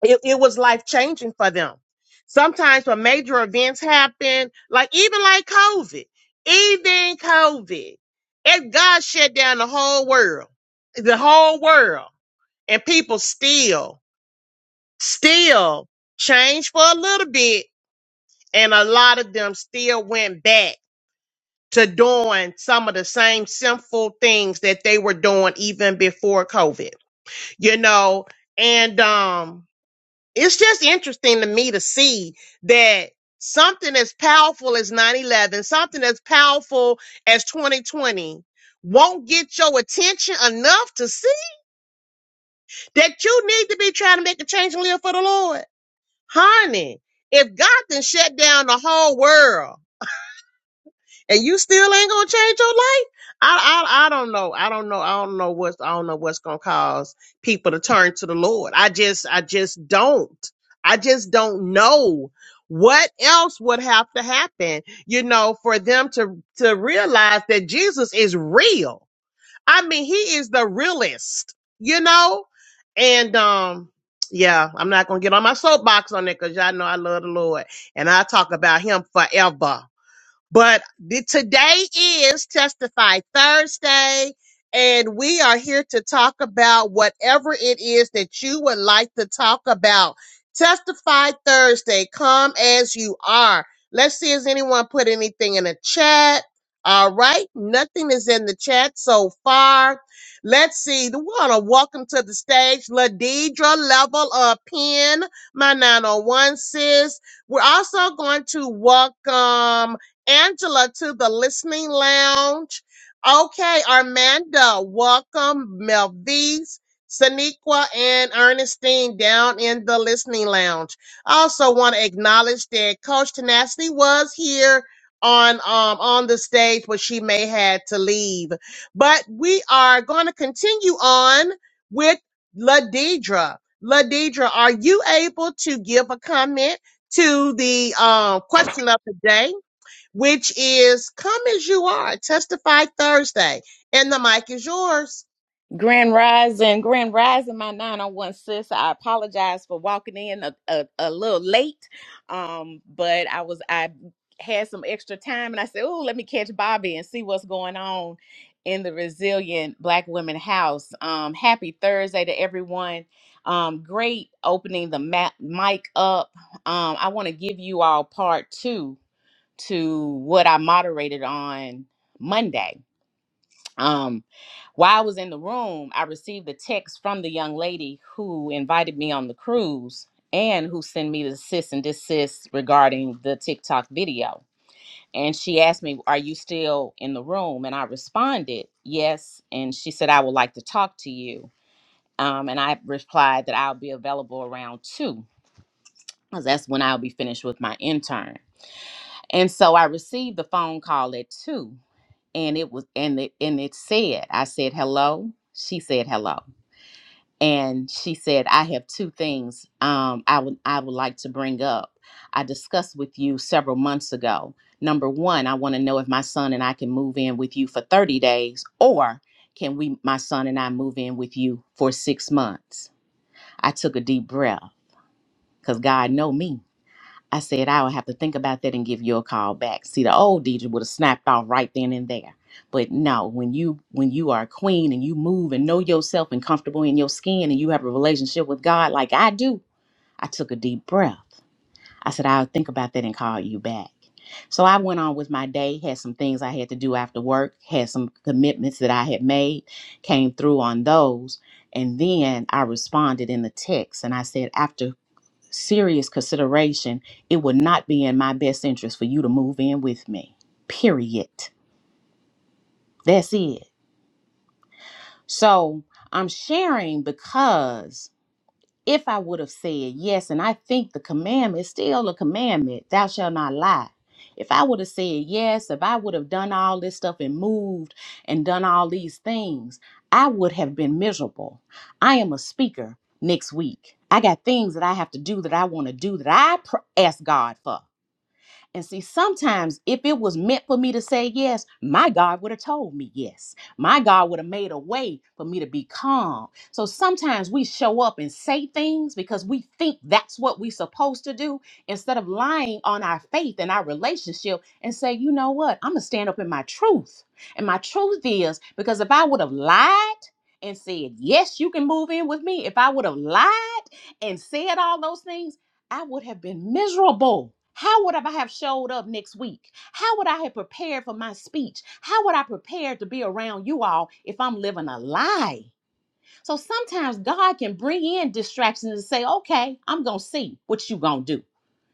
S1: it, it was life changing for them. Sometimes when major events happen, like even like COVID, even COVID, if God shut down the whole world, the whole world, and people still, still changed for a little bit, and a lot of them still went back to doing some of the same sinful things that they were doing even before COVID, you know, and um it's just interesting to me to see that something as powerful as 9-11 something as powerful as 2020 won't get your attention enough to see that you need to be trying to make a change and live for the lord honey if god then shut down the whole world and you still ain't gonna change your life. I, I I don't know. I don't know. I don't know what's I don't know what's gonna cause people to turn to the Lord. I just I just don't. I just don't know what else would have to happen, you know, for them to to realize that Jesus is real. I mean, he is the realest, you know? And um yeah, I'm not gonna get on my soapbox on it because y'all know I love the Lord and I talk about him forever but the, today is Testify Thursday, and we are here to talk about whatever it is that you would like to talk about. Testify Thursday, come as you are. Let's see, has anyone put anything in the chat? All right, nothing is in the chat so far. Let's see. We want to welcome to the stage Ladidra Level of Pen, my 901 sis. We're also going to welcome Angela to the listening lounge. Okay, Armando, welcome Melvise, Saniqua, and Ernestine down in the listening lounge. I also want to acknowledge that Coach Tenacity was here on um on the stage, but she may had to leave. But we are going to continue on with Ladidra. Ladidra, are you able to give a comment to the um question of the day? which is Come As You Are, Testify Thursday. And the mic is yours.
S6: Grand Rising, Grand Rising, my nine on one sis. I apologize for walking in a, a, a little late, um, but I was I had some extra time, and I said, "Oh, let me catch Bobby and see what's going on in the Resilient Black Women House." Um, happy Thursday to everyone. Um, great opening the ma- mic up. Um, I want to give you all part two to what I moderated on Monday um while i was in the room i received a text from the young lady who invited me on the cruise and who sent me the sis and desist regarding the tiktok video and she asked me are you still in the room and i responded yes and she said i would like to talk to you um, and i replied that i'll be available around two because that's when i'll be finished with my intern and so i received the phone call at two and it was and it and it said i said hello she said hello and she said i have two things um i would i would like to bring up i discussed with you several months ago number one i want to know if my son and i can move in with you for 30 days or can we my son and i move in with you for six months i took a deep breath because god know me I said, I would have to think about that and give you a call back. See, the old DJ would have snapped off right then and there. But no, when you when you are a queen and you move and know yourself and comfortable in your skin and you have a relationship with God like I do, I took a deep breath. I said, I'll think about that and call you back. So I went on with my day, had some things I had to do after work, had some commitments that I had made, came through on those. And then I responded in the text and I said, after serious consideration, it would not be in my best interest for you to move in with me. Period. That's it. So I'm sharing because if I would have said yes, and I think the commandment is still a commandment, thou shalt not lie. If I would have said yes, if I would have done all this stuff and moved and done all these things, I would have been miserable. I am a speaker next week. I got things that I have to do that I want to do that I pr- ask God for. And see, sometimes if it was meant for me to say yes, my God would have told me yes. My God would have made a way for me to be calm. So sometimes we show up and say things because we think that's what we're supposed to do instead of lying on our faith and our relationship and say, you know what? I'm going to stand up in my truth. And my truth is because if I would have lied, and said, Yes, you can move in with me. If I would have lied and said all those things, I would have been miserable. How would I have showed up next week? How would I have prepared for my speech? How would I prepare to be around you all if I'm living a lie? So sometimes God can bring in distractions and say, okay, I'm going to see what you going to do.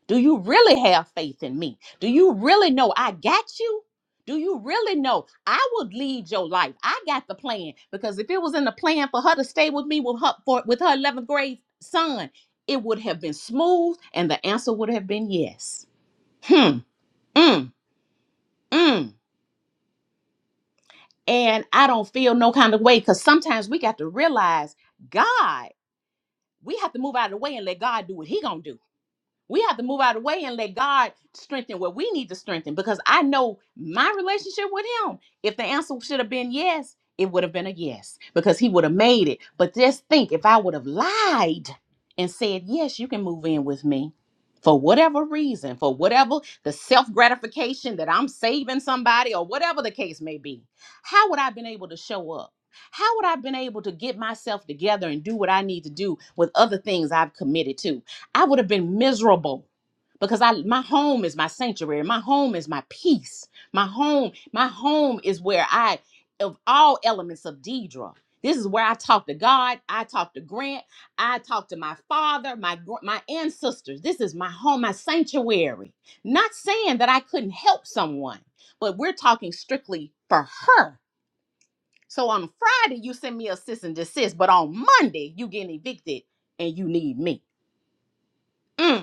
S6: Do you really have faith in me? Do you really know I got you? Do you really know I would lead your life? I got the plan because if it was in the plan for her to stay with me with her for, with her 11th grade son, it would have been smooth and the answer would have been yes. Hmm. Mm. Mm. And I don't feel no kind of way because sometimes we got to realize God, we have to move out of the way and let God do what he gonna do We have to move out of the way and let God strengthen what we need to strengthen because I know my relationship with Him. If the answer should have been yes, it would have been a yes because He would have made it. But just think if I would have lied and said, Yes, you can move in with me for whatever reason, for whatever the self gratification that I'm saving somebody or whatever the case may be, how would I have been able to show up? How would I have been able to get myself together and do what I need to do with other things I've committed to? I would have been miserable because I my home is my sanctuary. My home is my peace. My home, my home is where I of all elements of Deidra. This is where I talk to God. I talk to Grant. I talk to my father, my gr- my ancestors. This is my home, my sanctuary. Not saying that I couldn't help someone, but we're talking strictly for her. So on Friday you send me a cease and desist, but on Monday you getting evicted and you need me. Mm.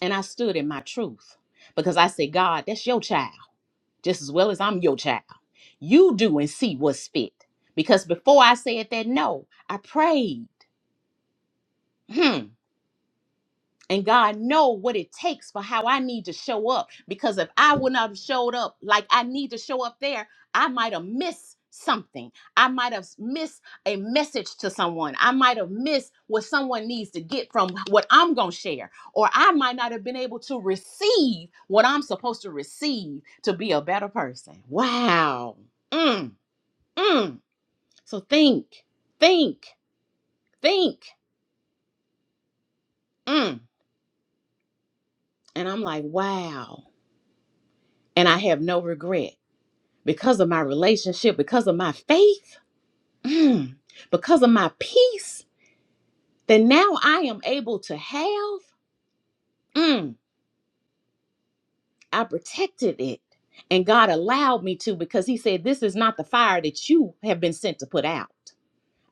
S6: And I stood in my truth because I said, God, that's your child just as well as I'm your child. You do and see what's fit. Because before I said that, no, I prayed. Hmm. And God know what it takes for how I need to show up. Because if I would not have showed up like I need to show up there, I might have missed something. I might have missed a message to someone. I might have missed what someone needs to get from what I'm going to share. Or I might not have been able to receive what I'm supposed to receive to be a better person. Wow. Mm, mm. So think, think, think. Mm. And I'm like, wow. And I have no regret because of my relationship, because of my faith, mm, because of my peace that now I am able to have, mm, I protected it. And God allowed me to because He said, This is not the fire that you have been sent to put out.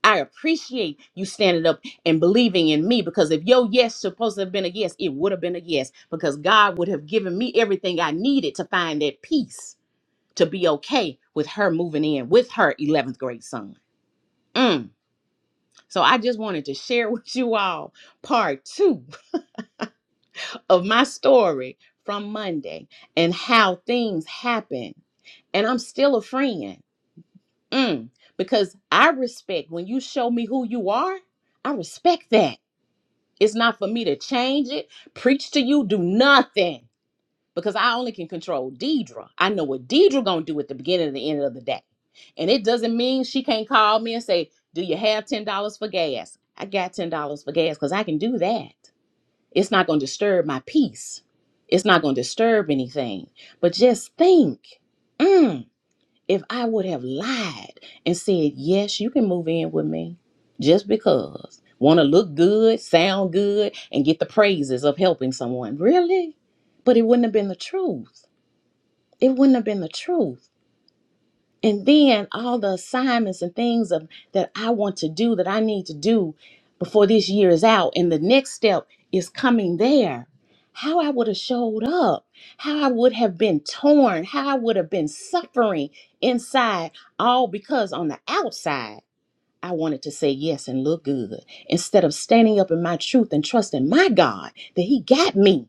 S6: I appreciate you standing up and believing in me because if your yes supposed to have been a yes, it would have been a yes because God would have given me everything I needed to find that peace to be okay with her moving in with her 11th grade son. Mm. So I just wanted to share with you all part two of my story from Monday and how things happen. And I'm still a friend Mm, because I respect when you show me who you are, I respect that. It's not for me to change it, preach to you, do nothing because I only can control Deidre. I know what Deidre gonna do at the beginning and the end of the day. And it doesn't mean she can't call me and say, do you have $10 for gas? I got $10 for gas because I can do that. It's not going to disturb my peace. It's not going to disturb anything. But just think mm, if I would have lied and said, Yes, you can move in with me just because. Want to look good, sound good, and get the praises of helping someone. Really? But it wouldn't have been the truth. It wouldn't have been the truth. And then all the assignments and things of that I want to do that I need to do before this year is out and the next step is coming there. How I would have showed up, how I would have been torn, how I would have been suffering inside, all because on the outside I wanted to say yes and look good instead of standing up in my truth and trusting my God that He got me.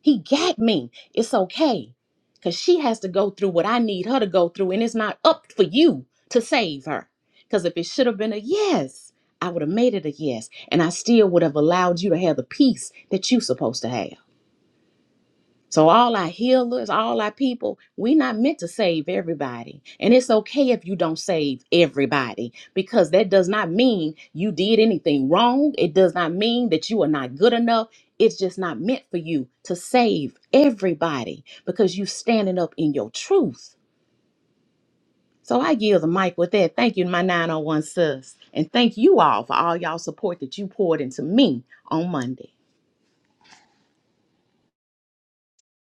S6: He got me. It's okay. Because she has to go through what I need her to go through, and it's not up for you to save her. Because if it should have been a yes, I would have made it a yes, and I still would have allowed you to have the peace that you're supposed to have. So all our healers, all our people, we're not meant to save everybody. And it's okay if you don't save everybody because that does not mean you did anything wrong. It does not mean that you are not good enough. It's just not meant for you to save everybody because you standing up in your truth. So I yield the mic with that. Thank you, my 901 sis. And thank you all for all y'all support that you poured into me on Monday.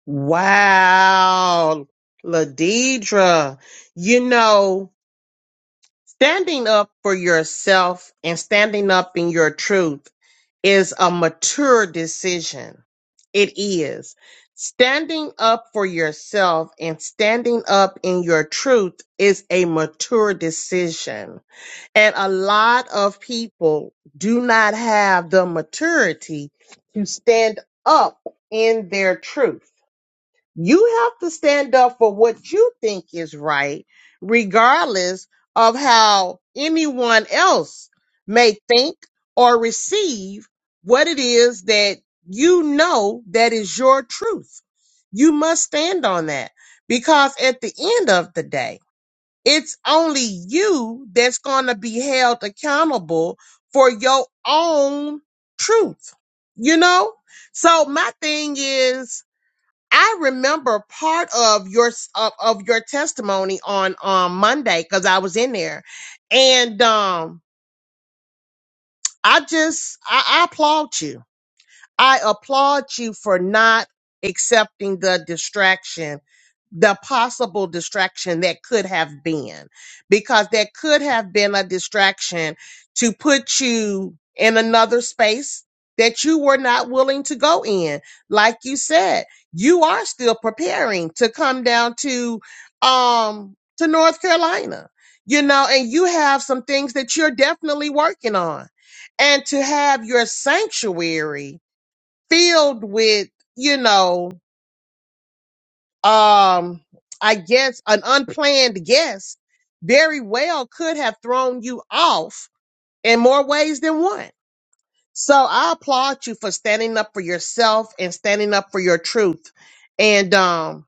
S1: Wow, Ladidra, you know, standing up for yourself and standing up in your truth is a mature decision. It is. Standing up for yourself and standing up in your truth is a mature decision And a lot of people do not have the maturity to stand up in their truth. You have to stand up for what you think is right, regardless of how anyone else may think or receive what it is that you know that is your truth. You must stand on that because at the end of the day, it's only you that's going to be held accountable for your own truth, you know? So my thing is, I remember part of your of, of your testimony on on Monday because I was in there, and um, I just I, I applaud you I applaud you for not accepting the distraction, the possible distraction that could have been, because there could have been a distraction to put you in another space that you were not willing to go in. Like you said, you are still preparing to come down to, um, to North Carolina, you know, and you have some things that you're definitely working on and to have your sanctuary filled with, you know, um, I guess an unplanned guest very well could have thrown you off in more ways than one. So I applaud you for standing up for yourself and standing up for your truth. And um,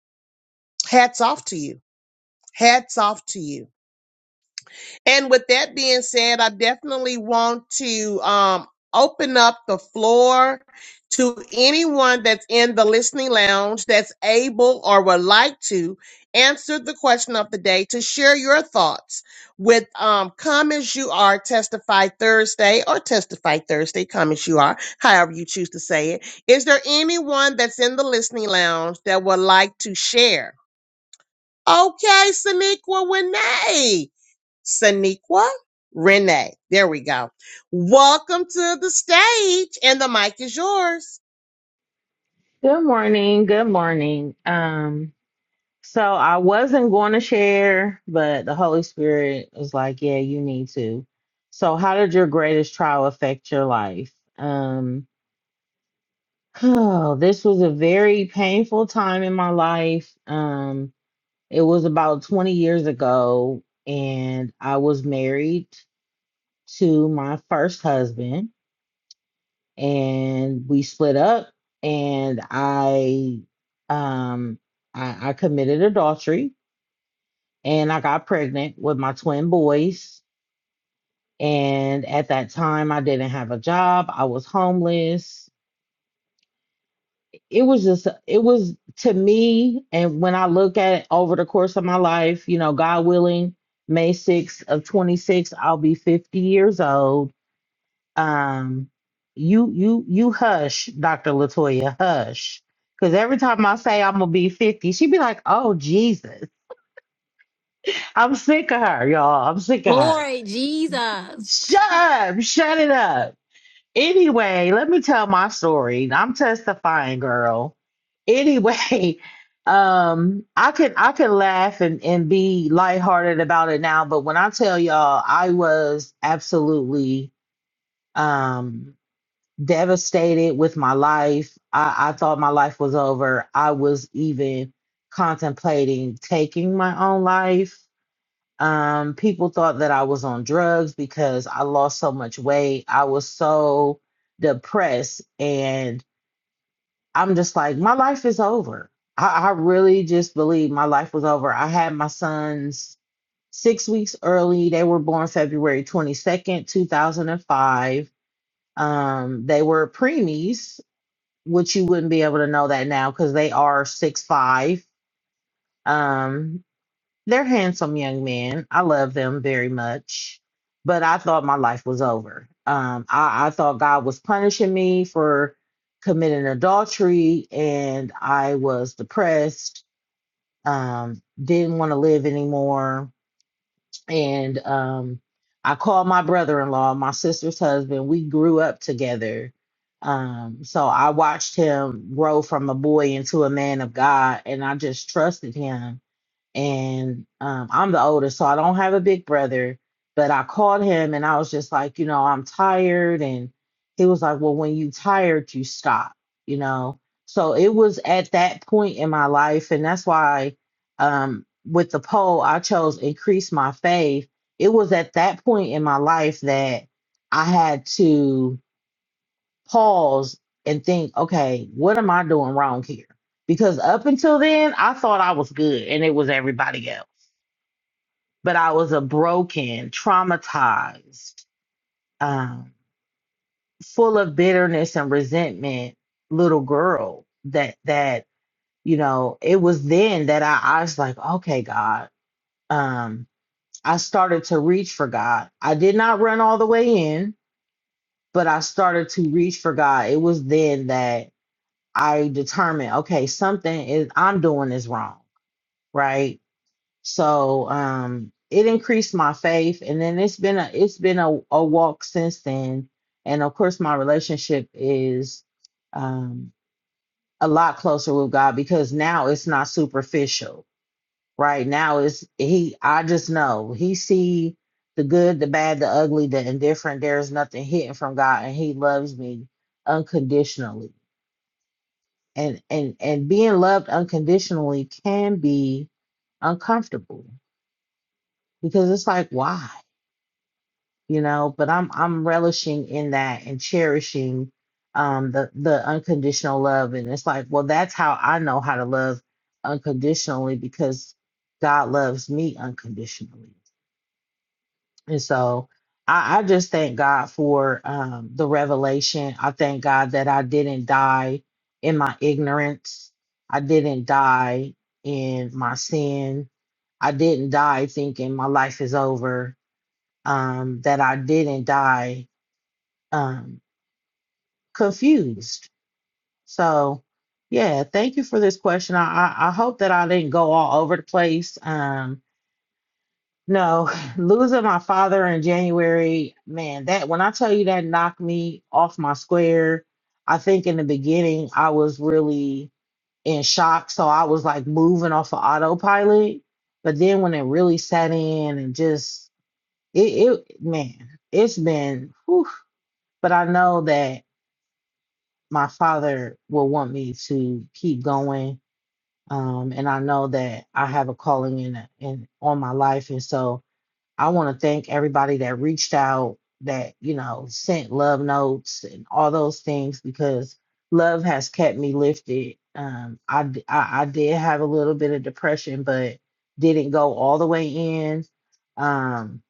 S1: hats off to you. Hats off to you. And with that being said, I definitely want to um, open up the floor to anyone that's in the listening lounge that's able or would like to answer the question of the day to share your thoughts with um, Come As You Are Testify Thursday or Testify Thursday, Come As You Are, however you choose to say it. Is there anyone that's in the listening lounge that would like to share? Okay, Saniqua Winay. Saniqua Renee. There we go. Welcome to the stage, and the mic is yours.
S7: Good morning. Good morning. Um, so I wasn't going to share, but the Holy Spirit was like, "Yeah, you need to." So, how did your greatest trial affect your life? Um, oh, this was a very painful time in my life. Um, it was about 20 years ago, and I was married to my first husband and we split up and I um I, I committed adultery and I got pregnant with my twin boys. And at that time I didn't have a job. I was homeless. It was just it was to me, and when I look at it over the course of my life, you know, God willing, May 6th of 26, I'll be 50 years old um you you you hush dr latoya hush because every time i say i'm gonna be 50 she be like oh jesus i'm sick of her y'all i'm sick of her
S4: Lord Jesus.
S7: shut up shut it up anyway let me tell my story i'm testifying girl anyway um i can i can laugh and and be lighthearted about it now but when i tell y'all i was absolutely um. devastated with my life. I, I thought my life was over. I was even contemplating taking my own life. Um, people thought that I was on drugs because I lost so much weight. I was so depressed. And I'm just like, my life is over. I, I really just believe my life was over. I had my sons six weeks early. They were born February 22nd, 2005 um they were preemies which you wouldn't be able to know that now because they are six five. Um, they're handsome young men. I love them very much, but I thought my life was over. Um, I, I thought God was punishing me for committing adultery, and I was depressed. Um, didn't want to live anymore and um I called my brother-in-law, my sister's husband. We grew up together. Um so I watched him grow from a boy into a man of God and I just trusted him and um, I'm the oldest, so I don't have a big brother. But I called him and I was just like, you know, I'm tired. And he was like, well, when you tired, you stop, you know. So it was at that point in my life. And that's why um, with the poll, I chose increase my faith. It was at that point in my life that I had to pause and think, okay, what am I doing wrong here? Because up until then, I thought I was good and it was everybody else but I was a broken, traumatized, um, full of bitterness and resentment little girl that that you know it was then that I, I was like okay God um I started to reach for God I did not run all the way in but I started to reach for God it was then that I determined okay something is I'm doing is wrong right So um it increased my faith and then it's been a it's been a, a walk since then. And of course my relationship is um a lot closer with God because now it's not superficial. Right now it's he I just know he see the good, the bad, the ugly, the indifferent. There's nothing hidden from God and he loves me unconditionally. And and and being loved unconditionally can be uncomfortable because it's like why? you know but i'm i'm relishing in that and cherishing um the the unconditional love and it's like well that's how i know how to love unconditionally because god loves me unconditionally and so i i just thank god for um the revelation i thank god that i didn't die in my ignorance i didn't die in my sin i didn't die thinking my life is over um that i didn't die um, confused. So, yeah, thank you for this question. I, I, I hope that I didn't go all over the place. Um, no, losing my father in January, man, that when I tell you that knocked me off my square, I think in the beginning I was really in shock. So I was like moving off of autopilot. But then when it really set in and just, it, it man, it's been, whew, but I know that my father will want me to keep going. Um, and I know that I have a calling in, in on my life. And so I want to thank everybody that reached out, that, you know, sent love notes and all those things because love has kept me lifted. Um, I I, I did have a little bit of depression, but didn't go all the way in. Um,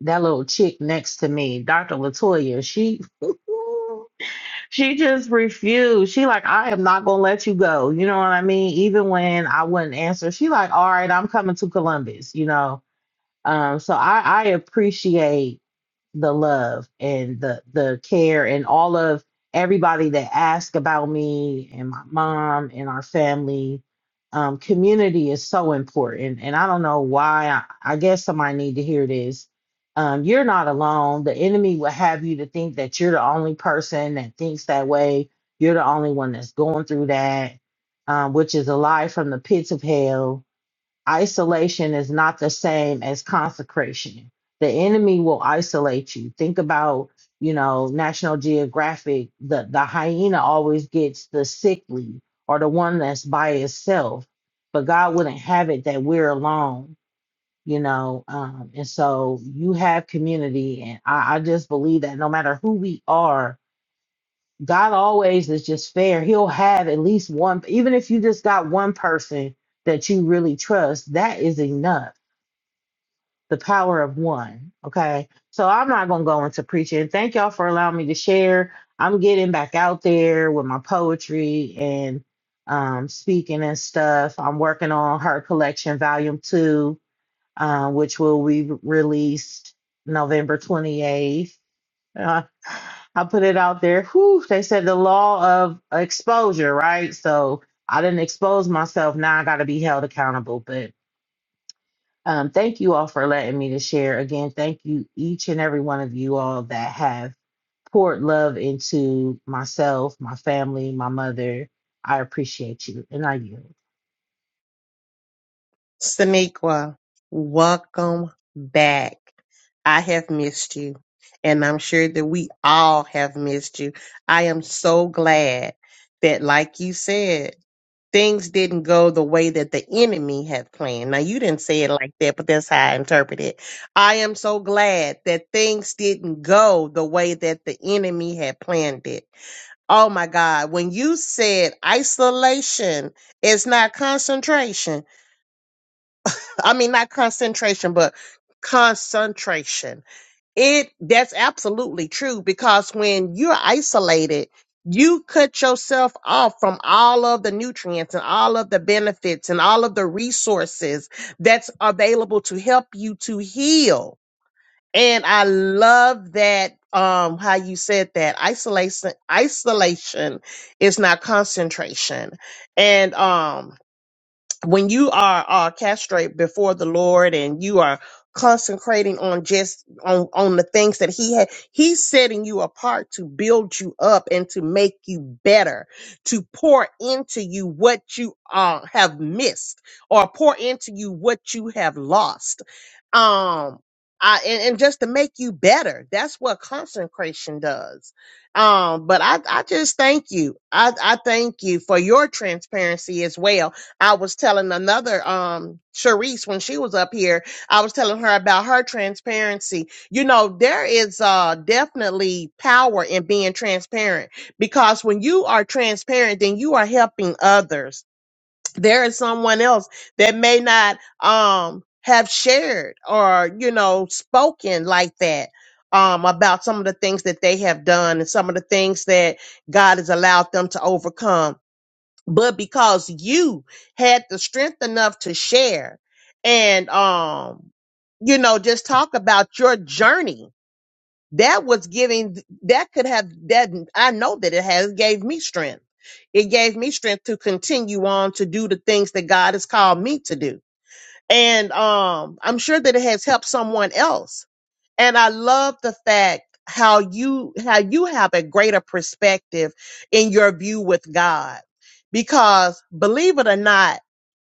S7: that little chick next to me, Dr. Latoya, she She just refused. She like, I am not gonna let you go. You know what I mean? Even when I wouldn't answer, she like, all right, I'm coming to Columbus. You know, um. So I I appreciate the love and the the care and all of everybody that asked about me and my mom and our family um, community is so important and i don't know why i, I guess somebody need to hear this um, you're not alone the enemy will have you to think that you're the only person that thinks that way you're the only one that's going through that um, which is a lie from the pits of hell isolation is not the same as consecration. The enemy will isolate you. Think about, you know, National Geographic, the, the hyena always gets the sickly or the one that's by itself. But God wouldn't have it that we're alone, you know. Um, and so you have community. And I, I just believe that no matter who we are, God always is just fair. He'll have at least one, even if you just got one person that you really trust, that is enough. The power of one. Okay. So I'm not going to go into preaching. Thank y'all for allowing me to share. I'm getting back out there with my poetry and um, speaking and stuff. I'm working on her collection, volume two, uh, which will be released November 28th uh, I put it out there. Whew, they said the law of exposure, right? So I didn't expose myself. Now I got to be held accountable. But um, thank you all for letting me to share. Again, thank you each and every one of you all that have poured love into myself, my family, my mother. I appreciate you, and I yield.
S1: Saniqua, welcome back. I have missed you, and I'm sure that we all have missed you. I am so glad that, like you said, things didn't go the way that the enemy had planned. Now, you didn't say it like that, but that's how I interpret it. I am so glad that things didn't go the way that the enemy had planned it Oh my God, when you said isolation is not concentration. I mean not concentration, but concentration. It that's absolutely true because when you're isolated, you cut yourself off from all of the nutrients and all of the benefits and all of the resources that's available to help you to heal and I love that um how you said that isolation isolation is not concentration. And um when you are uh, castrate before the Lord and you are consecrating on just on on the things that he had he's setting you apart to build you up and to make you better to pour into you what you uh have missed or pour into you what you have lost um I, and, and just to make you better that's what consecration does um but i i just thank you i i thank you for your transparency as well I was telling another um Sharice when she was up here, I was telling her about her transparency. You know, there is uh definitely power in being transparent because when you are transparent, then you are helping others. There is someone else that may not um have shared or, you know, spoken like that. Um, about some of the things that they have done and some of the things that God has allowed them to overcome but because you had the strength enough to share and um you know just talk about your journey that was giving that could have that i know that it has gave me strength it gave me strength to continue on to do the things that god has called me to do and um i'm sure that it has helped someone else and I love the fact how you how you have a greater perspective in your view with God because believe it or not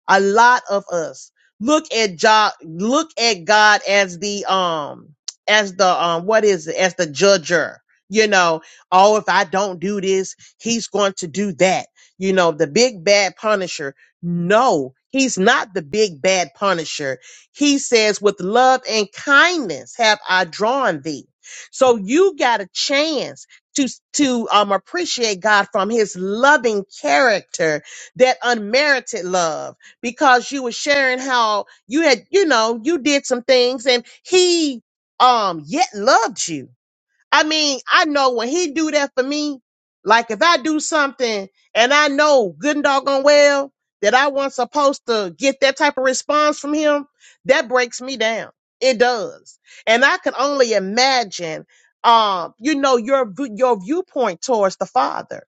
S1: a lot of us look at job look at God as the um as the um what is it as the judger you know oh if I don't do this he's going to do that you know the big bad punisher no he's not the big bad punisher he says, with love and kindness have I drawn thee. So you got a chance to, to um, appreciate God from his loving character, that unmerited love, because you were sharing how you had, you know, you did some things and he um yet loved you I mean, I know when he do that for me, like if I do something and I know good and doggone well that I wasn't supposed to get that type of response from him, that breaks me down. It does. And I can only imagine um, you know, your v- your viewpoint towards the father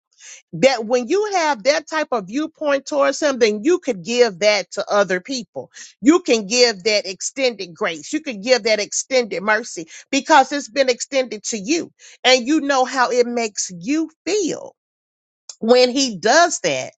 S1: that when you have that type of viewpoint towards him, then you could give that to other people. You can give that extended grace. You can give that extended mercy because it's been extended to you and you know how it makes you feel when he does that.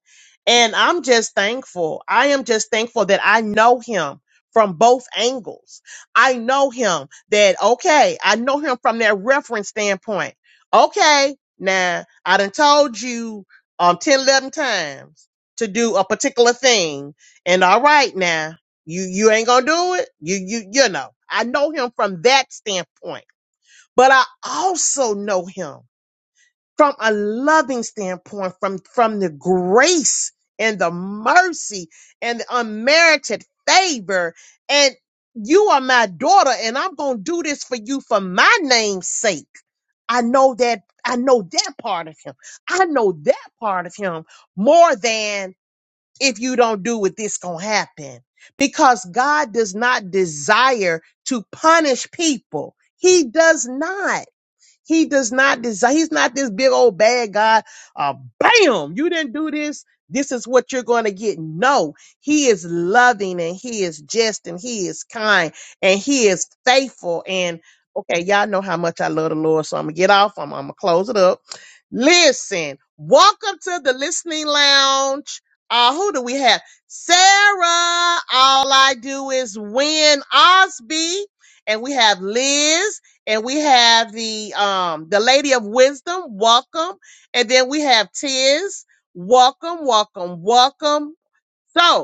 S1: And I'm just thankful. I am just thankful that I know him from both angles. I know him that, okay, I know him from that reference standpoint. Okay, now I done told you um 10, 11 times to do a particular thing. And all right now, you you ain't gonna do it. You you you know. I know him from that standpoint. But I also know him from a loving standpoint, from, from the grace and the mercy and the unmerited favor. And you are my daughter, and I'm going to do this for you for my name's sake. I know that, I know that part of him. I know that part of him more than if you don't do it, this going to happen. Because God does not desire to punish people. He does not. He does not desire, he's not this big old bad God. Uh, bam, you didn't do this. This is what you're going to get. No, he is loving and he is just and he is kind and he is faithful. And okay, y'all know how much I love the Lord. So I'm going to get off. I'm, I'm going to close it up. Listen, welcome to the listening lounge. Uh, who do we have? Sarah. All I do is win Osby. And we have Liz and we have the um the lady of wisdom welcome and then we have tiz welcome welcome welcome so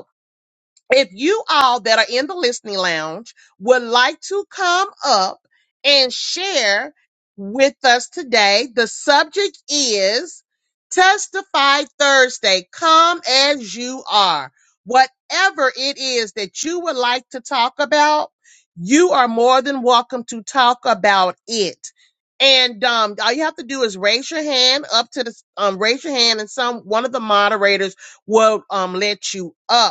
S1: if you all that are in the listening lounge would like to come up and share with us today, the subject is Testify Thursday. Come as you are. Whatever it is that you would like to talk about, you are more than welcome to talk about it. And um, all you have to do is raise your hand up to the um, raise your hand, and some one of the moderators will um, let you up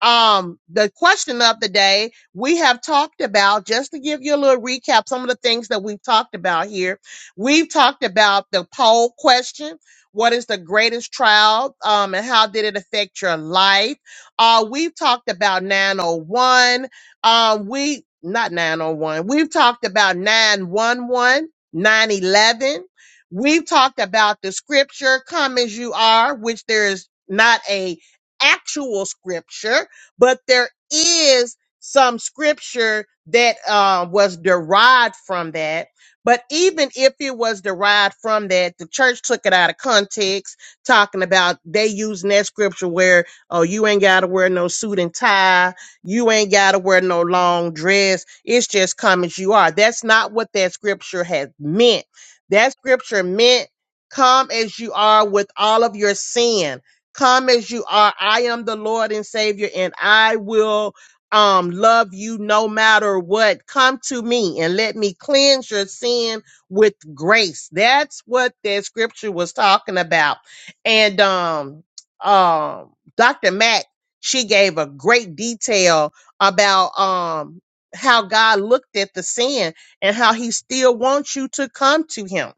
S1: um the question of the day we have talked about just to give you a little recap some of the things that we've talked about here we've talked about the poll question what is the greatest trial um and how did it affect your life uh we've talked about 901 um we not 901 we've talked about nine one one, nine eleven. we've talked about the scripture come as you are which there is not a actual scripture but there is some scripture that uh, was derived from that. But even if it was derived from that, the church took it out of context, talking about they using that scripture where, oh, you ain't got to wear no suit and tie. You ain't got to wear no long dress. It's just come as you are. That's not what that scripture has meant. That scripture meant come as you are with all of your sin come as you are i am the lord and savior and i will um love you no matter what come to me and let me cleanse your sin with grace that's what that scripture was talking about and um um dr mack she gave a great detail about um how god looked at the sin and how he still wants you to come to him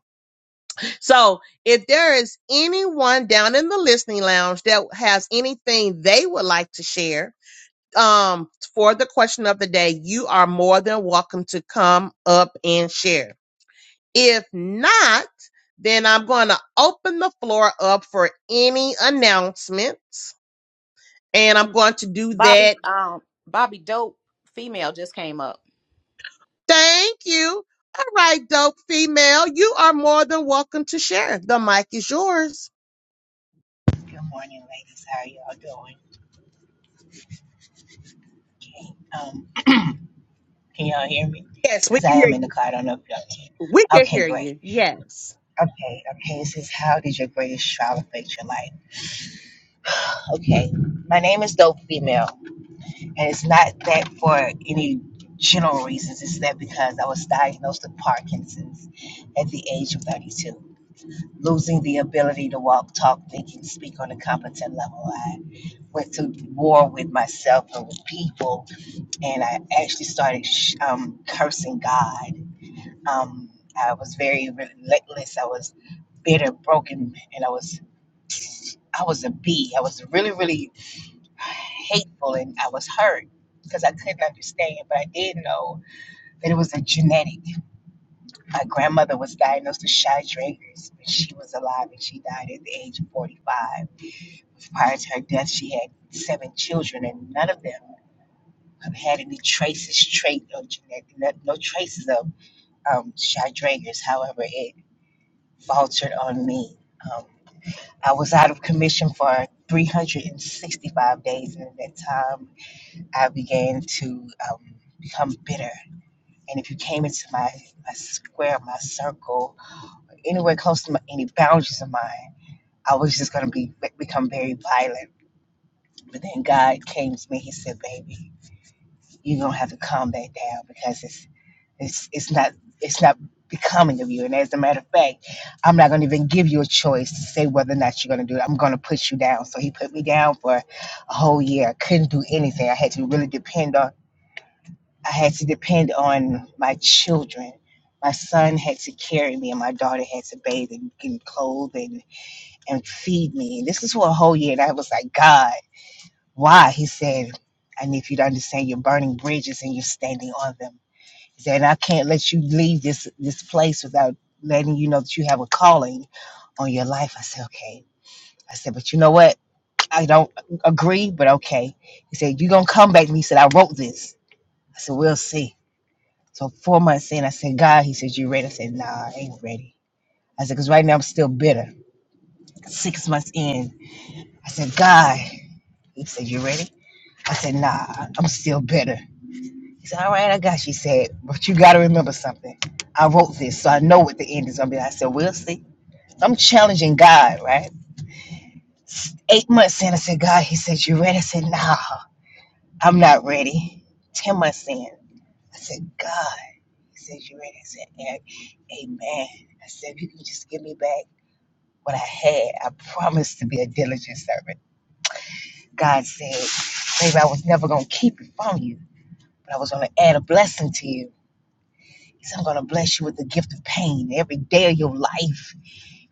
S1: so, if there is anyone down in the listening lounge that has anything they would like to share um, for the question of the day, you are more than welcome to come up and share. If not, then I'm going to open the floor up for any announcements, and I'm going to do
S6: Bobby,
S1: that.
S6: um, Bobby Dope female just came up.
S1: Thank you. All right, dope female, you are more than welcome to share. The mic is yours.
S8: Good morning, ladies. How are y'all doing? Um, can y'all hear me?
S1: Yes, we
S8: Because
S1: can
S8: I
S1: hear
S8: am in the
S1: you.
S8: car. I don't know if y'all
S1: We
S8: can.
S1: can
S8: Okay,
S1: hear
S8: great.
S1: you. Yes.
S8: Okay, okay. It says, How did your greatest trial affect your life? Okay. My name is Dope Female, and it's not that for any general reasons. It's that because I was diagnosed with Parkinson's at the age of 32. Losing the ability to walk, talk, think, and speak on a competent level. I went to war with myself and with people and I actually started sh- um, cursing God. Um, I was very relentless. I was bitter, broken, and I was I was a bee. I was really, really hateful, and I was hurt because I couldn't understand. But I did know that it was a genetic. My grandmother was diagnosed with shy Drager's when she was alive, and she died at the age of 45. Prior to her death, she had seven children, and none of them have had any traces, trait, or genetic, no no traces of um, Shadragers. However, it faltered on me. Um, I was out of commission for 365 days, and at that time, I began to um, become bitter. And if you came into my, my square, my circle, anywhere close to my, any boundaries of mine, I was just going to be become very violent. But then God came to me. He said, "Baby, you're gonna have to calm that down because it's It's it's not it's not becoming of you. And as a matter of fact, I'm not gonna even give you a choice to say whether or not you're gonna do it. I'm gonna put you down. So he put me down for a whole year. I couldn't do anything. I had to really depend on I had to depend on my children. My son had to carry me and my daughter had to bathe and, and clothe and, and feed me. And this is for a whole year. And I was like, God, why? He said, I need you to understand you're burning bridges and you're standing on them that I can't let you leave this this place without letting you know that you have a calling on your life. I said, okay. I said, but you know what? I don't agree, but okay. He said, you gonna come back. And he said, I wrote this. I said, we'll see. So four months in, I said, God, he said, you ready? I said, nah, I ain't ready. I said, because right now I'm still bitter. Six months in, I said, God, he said, you ready? I said, nah, I'm still bitter. He said, All right, I got you. He said, But you got to remember something. I wrote this, so I know what the end is going to be. I said, We'll see. So I'm challenging God, right? S- Eight months in, I said, God, he said, You ready? I said, Nah, I'm not ready. Ten months in, I said, God, he said, You ready? I said, "A- Amen. I said, If you can just give me back what I had, I promise to be a diligent servant. God said, Baby, I was never going to keep it from you, but I was going to add a blessing to you. He said, I'm going to bless you with the gift of pain. Every day of your life,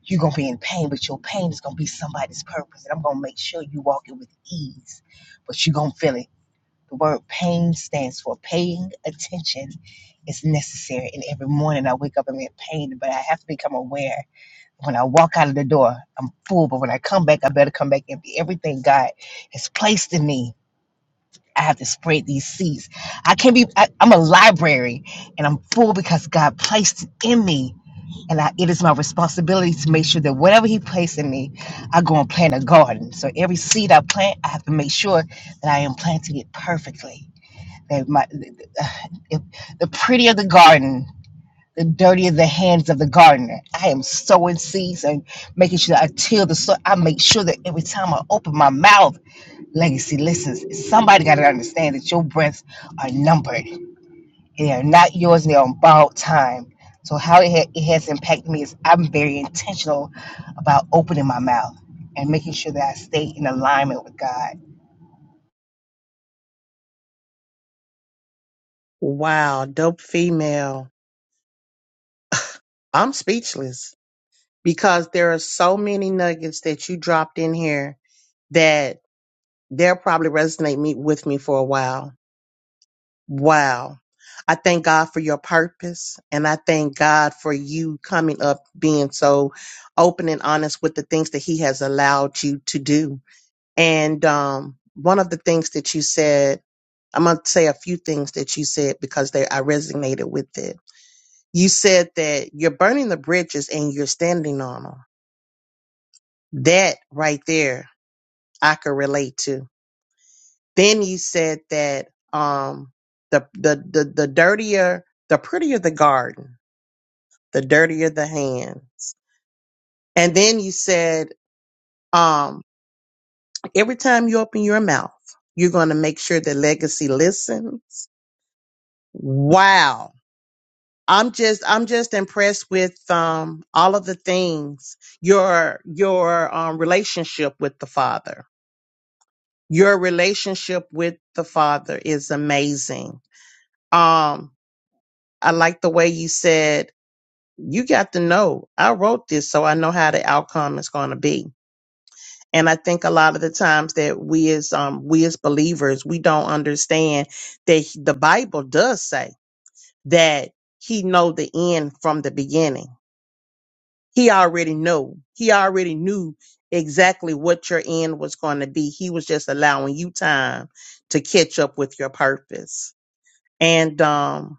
S8: you're going to be in pain, but your pain is going to be somebody's purpose. And I'm going to make sure you walk it with ease, but you're going to feel it. The word pain stands for paying attention is necessary. And every morning I wake up, I'm in pain, but I have to become aware. When I walk out of the door, I'm full, but when I come back, I better come back empty. Everything God has placed in me I have to spread these seeds. I can't be, I, I'm a library and I'm full because God placed it in me. And I, it is my responsibility to make sure that whatever He placed in me, I go and plant a garden. So every seed I plant, I have to make sure that I am planting it perfectly. That my, if, the prettier the garden, the dirtier the hands of the gardener. I am sowing seeds and making sure that I till the soil. I make sure that every time I open my mouth, legacy listens. Somebody got to understand that your breaths are numbered. They are not yours. They are on borrowed time. So how it, ha- it has impacted me is I'm very intentional about opening my mouth and making sure that I stay in alignment with God.
S1: Wow, dope female. I'm speechless because there are so many nuggets that you dropped in here that they'll probably resonate me with me for a while. Wow. I thank God for your purpose and I thank God for you coming up being so open and honest with the things that he has allowed you to do. And um one of the things that you said, I'm going to say a few things that you said because they I resonated with it You said that you're burning the bridges and you're standing on them. That right there, I could relate to. Then you said that um, the, the the the dirtier, the prettier the garden, the dirtier the hands. And then you said um, every time you open your mouth, you're going to make sure the legacy listens. Wow I'm just I'm just impressed with um all of the things your your um relationship with the father. Your relationship with the father is amazing. Um I like the way you said you got to know I wrote this so I know how the outcome is going to be. And I think a lot of the times that we as um we as believers we don't understand that the Bible does say that he know the end from the beginning he already know he already knew exactly what your end was going to be he was just allowing you time to catch up with your purpose and um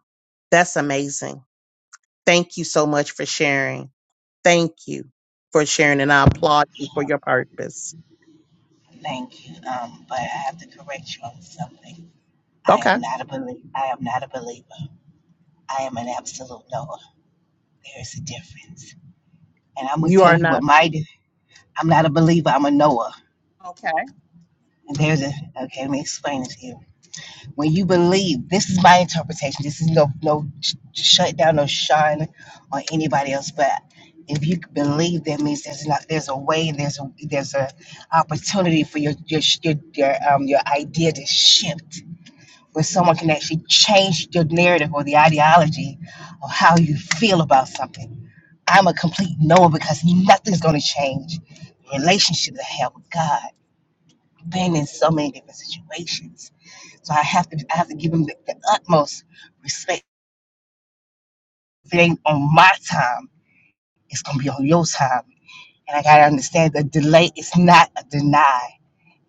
S1: that's amazing thank you so much for sharing thank you for sharing and i applaud you for your purpose
S8: Thank you. Um, but I have to correct you on something. I am
S1: okay
S8: not a believer. I am not a believer. I am an absolute knower. There is a difference. And I'm going to
S1: you
S8: tell
S1: are
S8: you what
S1: not
S8: my, di- I'm not a believer. I'm a knower.
S1: okay.
S8: And there's a, okay, let me explain it to you. When you believe, this is my interpretation. This is no no sh- shut down no shine on anybody else. But if you believe, that means there's not there's a way and there's a there's a opportunity for your your sh- your, your um your idea to shift, where someone can actually change your narrative or the ideology of how you feel about something. I'm a complete no because nothing's going to change. Relationships I have with God, been in so many different situations so I have to I have to give him the, the utmost respect. If it ain't on my time, it's gonna be on your time. And I gotta understand that delay is not a deny.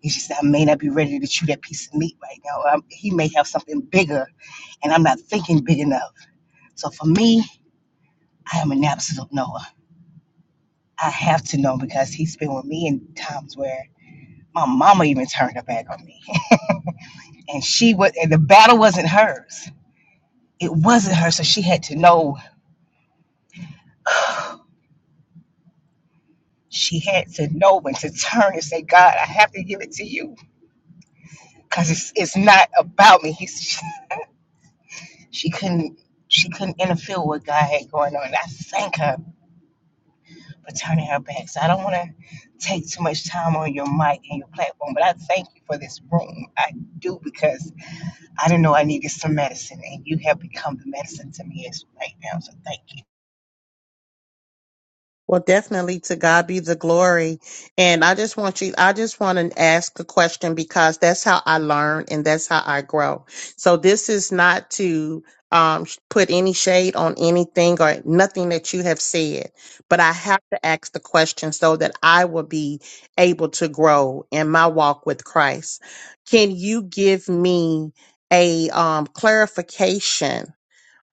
S8: It's just that I may not be ready to chew that piece of meat right now. i he may have something bigger, and I'm not thinking big enough. So for me, I am an absolute Noah. I have to know because he's been with me in times where my mama even turned her back on me, and she was, and the battle wasn't hers. It wasn't hers, so she had to know She had to know when to turn and say, God, I have to give it to you because it's, it's not about me. He, she couldn't she couldn't interfere with what God had going on. And I thank her for turning her back. So I don't want to take too much time on your mic and your platform, but I thank you for this room. I do because I didn't know I needed some medicine, and you have become the medicine to me as right now. So thank you.
S1: Well, definitely to God be the glory. And I just want you, I just want to ask a question because that's how I learn and that's how I grow. So this is not to um, sh- put any shade on anything or nothing that you have said, but I have to ask the question so that I will be able to grow in my walk with Christ. Can you give me a um, clarification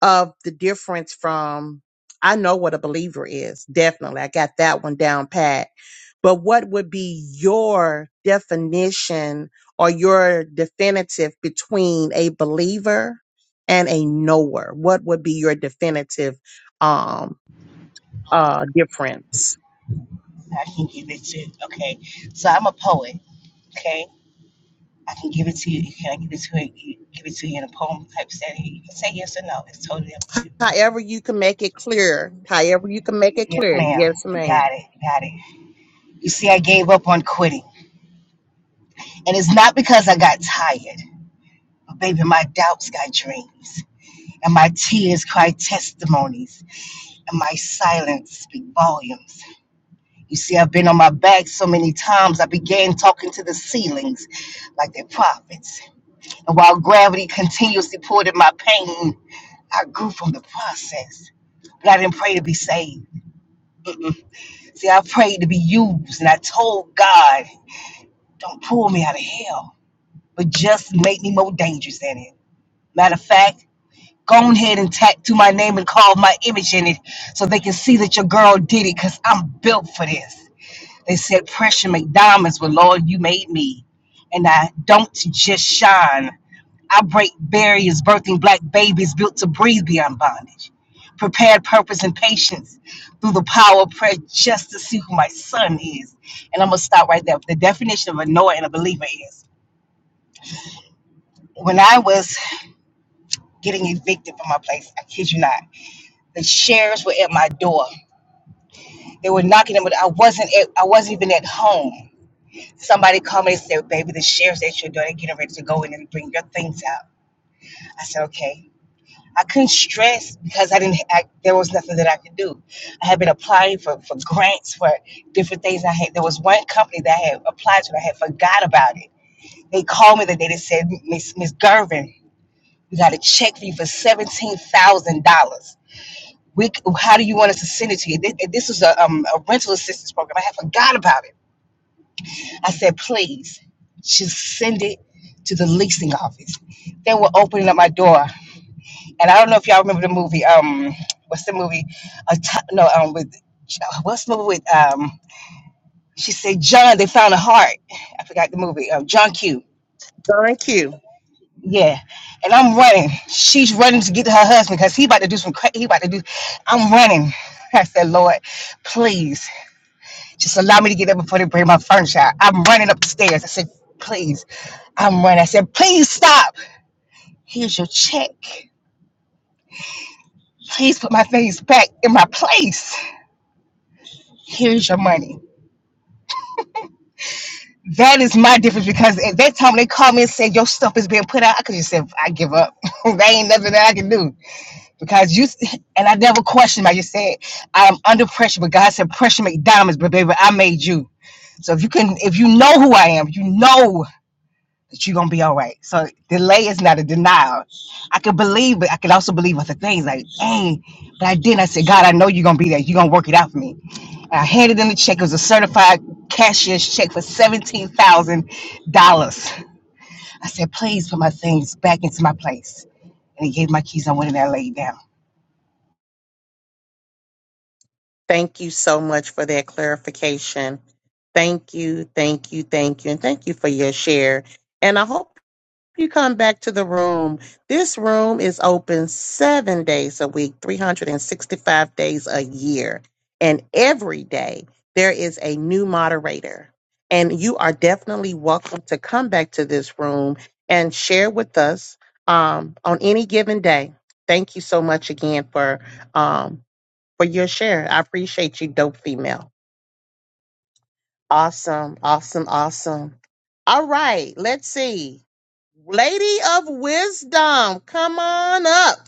S1: of the difference from I know what a believer is. Definitely. I got that one down pat. But what would be your definition or your definitive between a believer and a knower? What would be your definitive um uh difference?
S8: I can give it to okay. So I'm a poet. Okay. I can give it to you. Can I give it to you? Give it to you in a poem type setting. You can say yes or no. It's totally up to you.
S1: However you can make it clear. However you can make it
S8: Yes,
S1: clear.
S8: ma'am.
S1: Yes, ma'am.
S8: Got it. Got it. You see, I gave up on quitting, and it's not because I got tired. But baby, my doubts got dreams, and my tears cry testimonies, and my silence speak volumes. You see, I've been on my back so many times. I began talking to the ceilings, like they're prophets. And while gravity continuously poured in my pain, I grew from the process. God I didn't pray to be saved. Mm-mm. See, I prayed to be used, and I told God, "Don't pull me out of hell, but just make me more dangerous than it." Matter of fact, go ahead and tattoo my name and carve my image in it, so they can see that your girl did it, cause I'm built for this. They said pressure make diamonds, but Lord, you made me, and I don't just shine. I break barriers, birthing black babies built to breathe beyond bondage. Prepared purpose and patience through the power of prayer just to see who my son is. And I'm going to stop right there. The definition of a knower and a believer is when I was getting evicted from my place, I kid you not, the sheriffs were at my door. They were knocking on, but I wasn't at, I wasn't even at home. Somebody called me and said, Baby, the sheriff's at your door. They're getting ready to go in and bring your things out. I said, Okay. I couldn't stress because I didn't. I, there was nothing that I could do. I had been applying for, for grants for different things. I had there was one company that I had applied to. And I had forgot about it. They called me the day. They said, Miss Miss Gervin, we got a check for you for seventeen thousand dollars. We, c- how do you want us to send it to you? This, this was a, um, a rental assistance program. I had forgot about it. I said, please, just send it to the leasing office. They were opening up my door. And I don't know if y'all remember the movie. Um, what's the movie? A t- no, um, with what's the movie with? Um, she said John. They found a heart. I forgot the movie. Um, John Q.
S1: Thank you.
S8: Yeah. And I'm running. She's running to get to her husband because he about to do some. Cra- he about to do. I'm running. I said, Lord, please just allow me to get up before they bring my furniture. out." I'm running up the stairs. I said, please. I'm running. I said, please stop. Here's your check. Please put my things back in my place. Here's your money. That is my difference because at that time when they called me and said your stuff is being put out, I could just say I give up. there ain't nothing that I can do because you and I never questioned. I just said I'm under pressure, but God said pressure make diamonds, but baby, I made you. So if you can, if you know who I am, you know that you're gonna be all right. So delay is not a denial. I could believe, but I could also believe other things like, dang, but I didn't. I said, God, I know you're gonna be there. You're gonna work it out for me. I handed them the check. It was a certified cashier's check for $17,000. I said, please put my things back into my place. And he gave my keys. I went in there and laid down.
S1: Thank you so much for that clarification. Thank you, thank you, thank you, and thank you for your share. And I hope you come back to the room. This room is open seven days a week, 365 days a year. And every day there is a new moderator. And you are definitely welcome to come back to this room and share with us um, on any given day. Thank you so much again for. Um, for your share. I appreciate you, dope female. Awesome, awesome, awesome. All right, let's see. Lady of Wisdom, come on up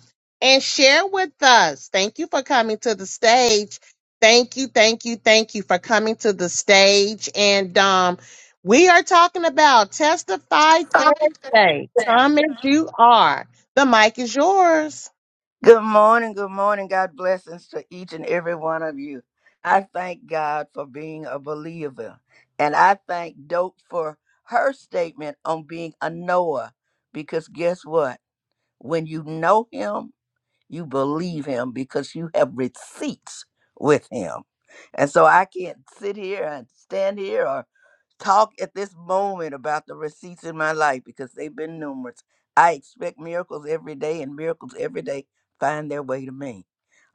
S1: and share with us. Thank you for coming to the stage. Thank you, thank you, thank you for coming to the stage. And um, we are talking about Testify
S9: I
S1: Thursday. Come as you are. The mic is yours.
S9: Good morning, good morning. God blessings to each and every one of you. I thank God for being a believer. And I thank Dope for her statement on being a knower. Because guess what? When you know him, you believe him because you have receipts with him. And so I can't sit here and stand here talk at this moment about the receipts in my life because they've been numerous. I expect miracles every day, and miracles every day find their way to me.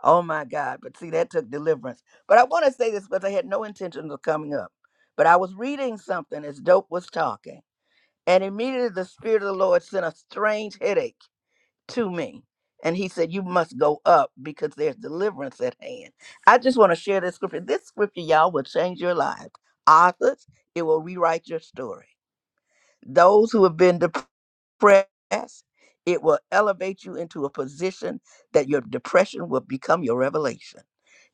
S9: Oh my God. But see, that took deliverance. But I want to say this because I had no intention of coming up. But I was reading something as Dope was talking, and immediately the Spirit of the Lord sent a strange headache to me. And he said, You must go up because there's deliverance at hand. I just want to share this scripture. This scripture, y'all, will change your lives. Authors, it will rewrite your story. Those who have been depressed. Press. It will elevate you into a position that your depression will become your revelation.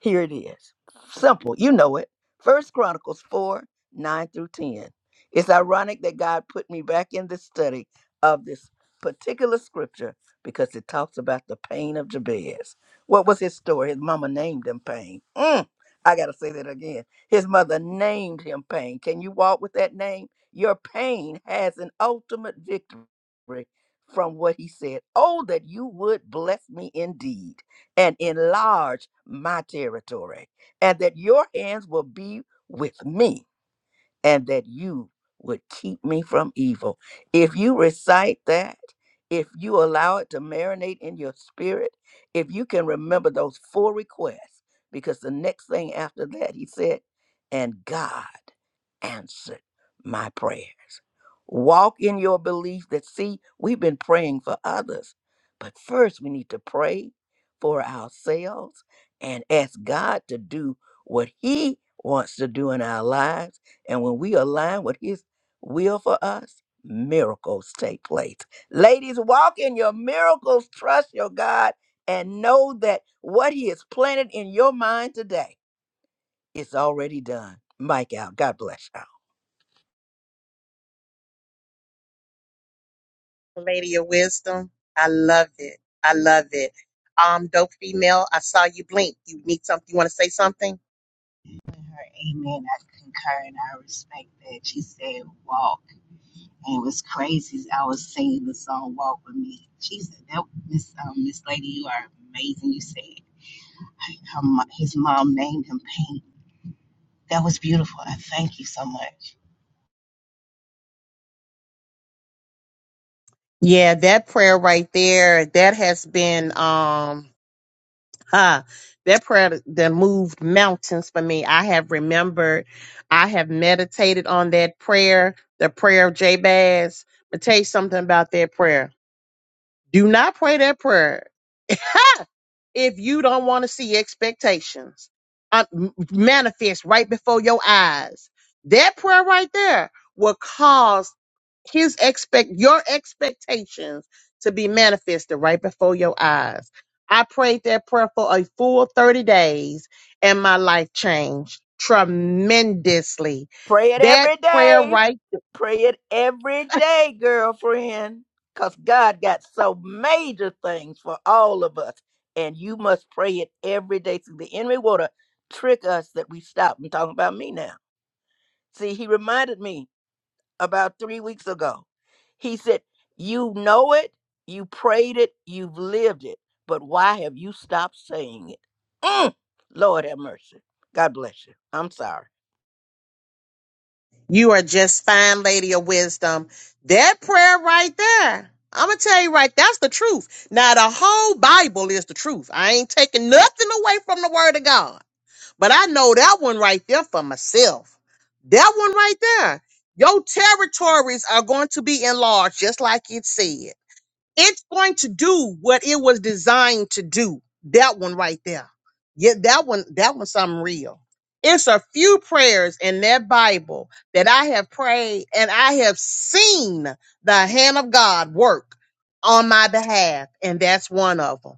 S9: Here it is. Simple. You know it. First Chronicles 4, 9 through 10. It's ironic that God put me back in the study of this particular scripture because it talks about the pain of Jabez. What was his story? His mama named him pain. Mm, I gotta say that again. His mother named him pain. Can you walk with that name? Your pain has an ultimate victory re- from what he said. Oh, that you would bless me indeed and enlarge my territory, and that your hands will be with me, and that you would keep me from evil. If you recite that, if you allow it to marinate in your spirit, if you can remember those four requests, because the next thing after that, he said, and God answered my prayer. Walk in your belief that, see, we've been praying for others, but first we need to pray for ourselves and ask God to do what He wants to do in our lives. And when we align with His will for us, miracles take place. Ladies, walk in your miracles, trust your God, and know that what He has planted in your mind today is already done. Mike out. God bless you.
S1: Lady of Wisdom. I love it. I love it. Um, dope female, I saw you blink. You need something? You want to say something?
S8: Amen. I concur and I respect that. She said, walk. And it was crazy. I was singing the song, Walk With Me. Jesus, that, this um, Miss Lady, you are amazing. You said, her, mo- his mom named him Pink. That was beautiful. I thank you so much.
S1: Yeah, that prayer right there, that has been um huh, that prayer that moved mountains for me. I have remembered, I have meditated on that prayer, the prayer of Jabez. I'll tell you something about that prayer. Do not pray that prayer if you don't want to see expectations uh, m- manifest right before your eyes. That prayer right there will cause his expect your expectations to be manifested right before your eyes. I prayed that prayer for a full 30 days and my life changed tremendously.
S9: Pray it
S1: That
S9: every
S1: prayer
S9: day.
S1: right
S9: Pray it every day, girlfriend. Because God got so major things for all of us. And you must pray it every day. So the enemy want to trick us that we stop. I'm talking about me now. See, he reminded me. about three weeks ago. He said, You know it, you prayed it, you've lived it, but why have you stopped saying it? Mm, Lord have mercy. God bless you. I'm sorry.
S1: You are just fine, lady of wisdom. That prayer right there. I'm gonna tell you right, that's the truth. Now the whole Bible is the truth. I ain't taking nothing away from the word of God. But I know that one right there for myself. That one right there. Your territories are going to be enlarged, just like it said it's going to do what it was designed to do. That one right there. Yeah, that one, that one's something real. It's a few prayers in that Bible that I have prayed and I have seen the hand of God work on my behalf. And that's one of them.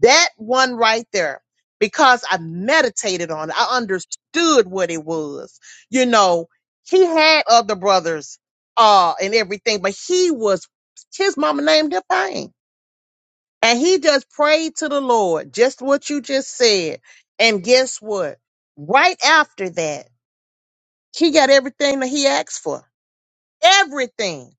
S1: That one right there, because I meditated on it, I understood what it was. You know, he had other brothers uh and everything, but he was his mama named him Pain. And he just prayed to the Lord, just what you just said. And guess what? Right after that, he got everything that he asked for. Everything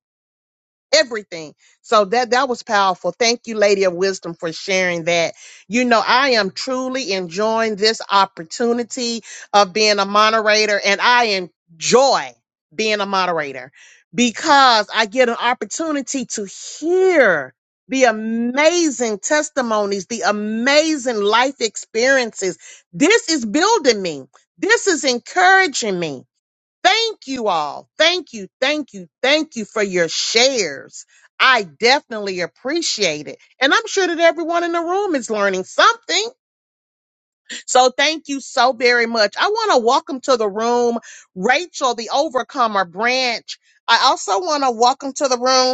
S1: everything. So that that was powerful. Thank you, Lady of Wisdom, for sharing that. You know, I am truly enjoying this opportunity of being a moderator, and I enjoy being a moderator because I get an opportunity to hear the amazing testimonies, the amazing life experiences. This is building me. This is encouraging me. Thank you all. Thank you. Thank you. Thank you for your shares. I definitely appreciate it. And I'm sure that everyone in the room is learning something. So thank you so very much. I want to welcome to the room Rachel, the Overcomer branch. I also want to welcome to the room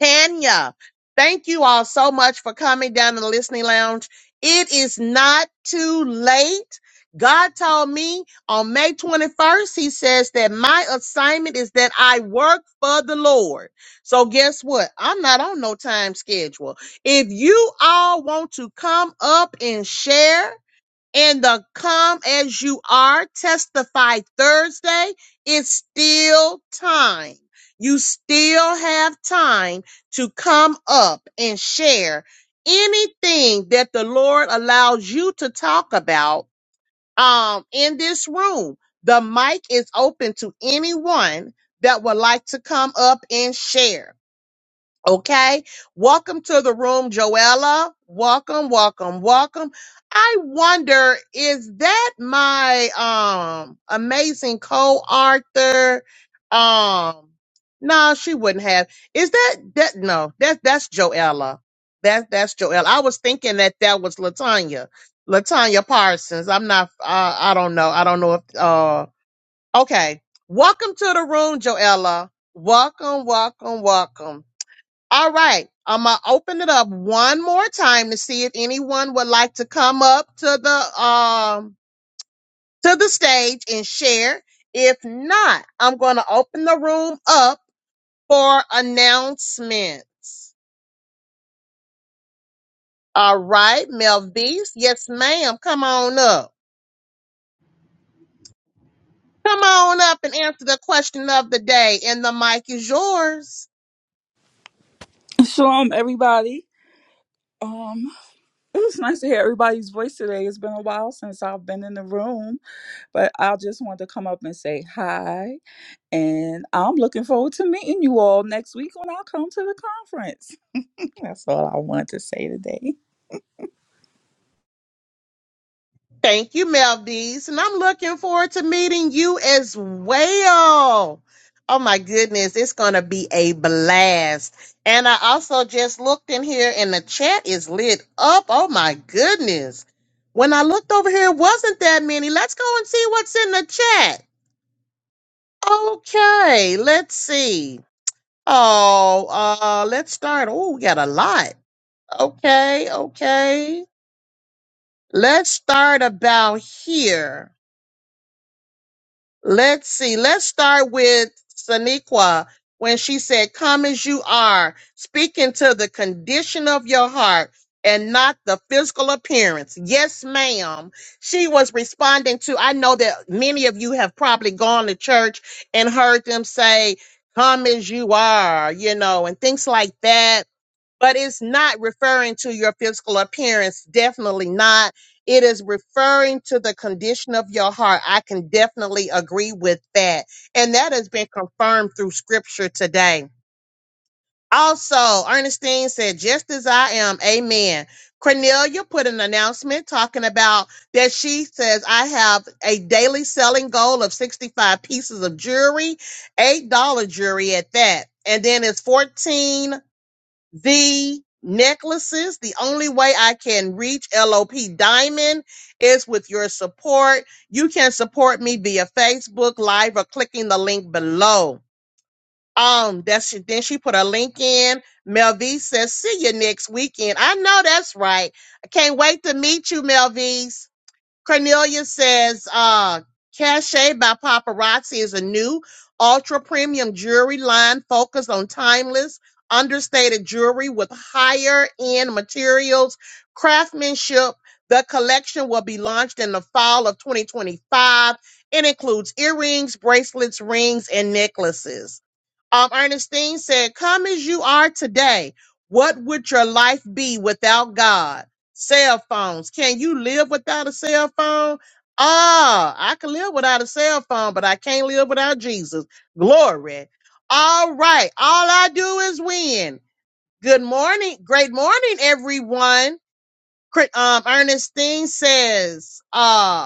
S1: Tanya. Thank you all so much for coming down to the listening lounge. It is not too late. God told me on May 21st, He says that my assignment is that I work for the Lord. So, guess what? I'm not on no time schedule. If you all want to come up and share, and the Come As You Are Testify Thursday, it's still time. You still have time to come up and share anything that the Lord allows you to talk about um, in this room. The mic is open to anyone that would like to come up and share. Okay. Welcome to the room, Joella. Welcome, welcome, welcome. I wonder, is that my um amazing co-author? Um, no, she wouldn't have. Is that that no, that that's Joella. That that's Joella. I was thinking that that was Latanya. Latanya Parsons. I'm not uh, I don't know. I don't know if uh okay. Welcome to the room, Joella. Welcome, welcome, welcome. All right. I'm gonna open it up one more time to see if anyone would like to come up to the um to the stage and share. If not, I'm gonna open the room up for announcements. All right, Melvise. Yes, ma'am. Come on up. Come on up and answer the question of the day. And the mic is yours.
S10: Shalom, everybody. Um, it was nice to hear everybody's voice today. It's been a while since I've been in the room, but I just wanted to come up and say hi. And I'm looking forward to meeting you all next week when I come to the conference. That's all I wanted to say today.
S1: Thank you, Melvies. And I'm looking forward to meeting you as well. Oh my goodness, it's going to be a blast. And I also just looked in here and the chat is lit up. Oh my goodness. When I looked over here, it wasn't that many. Let's go and see what's in the chat. Okay, let's see. Oh, uh, let's start. Oh, we got a lot. Okay, okay. Let's start about here. Let's see. Let's start with Saniqua when she said, Come as you are, speaking to the condition of your heart and not the physical appearance. Yes, ma'am. She was responding to, I know that many of you have probably gone to church and heard them say, Come as you are, you know, and things like that but it's not referring to your physical appearance. Definitely not. It is referring to the condition of your heart. I can definitely agree with that. And that has been confirmed through scripture today. Also, Ernestine said, just as I am, amen. Cornelia put an announcement talking about that she says, I have a daily selling goal of 65 pieces of jewelry, $8 jewelry at that. And then it's 14 the necklaces. The only way I can reach LOP Diamond is with your support. You can support me via Facebook Live or clicking the link below. Um, that's then she put a link in. Mel V says, see you next weekend. I know that's right. I can't wait to meet you, Mel V. Cornelia says, uh, Cache by Paparazzi is a new ultra premium jewelry line focused on timeless, understated jewelry with higher end materials, craftsmanship. The collection will be launched in the fall of 2025 It includes earrings, bracelets, rings, and necklaces. Um, Ernestine said, Come as you are today. What would your life be without God? Cell phones. Can you live without a cell phone? Ah, I can live without a cell phone, but I can't live without Jesus. Glory. All right. All I do is win. Good morning. Great morning, everyone. Cri- Um, Ernestine says, uh,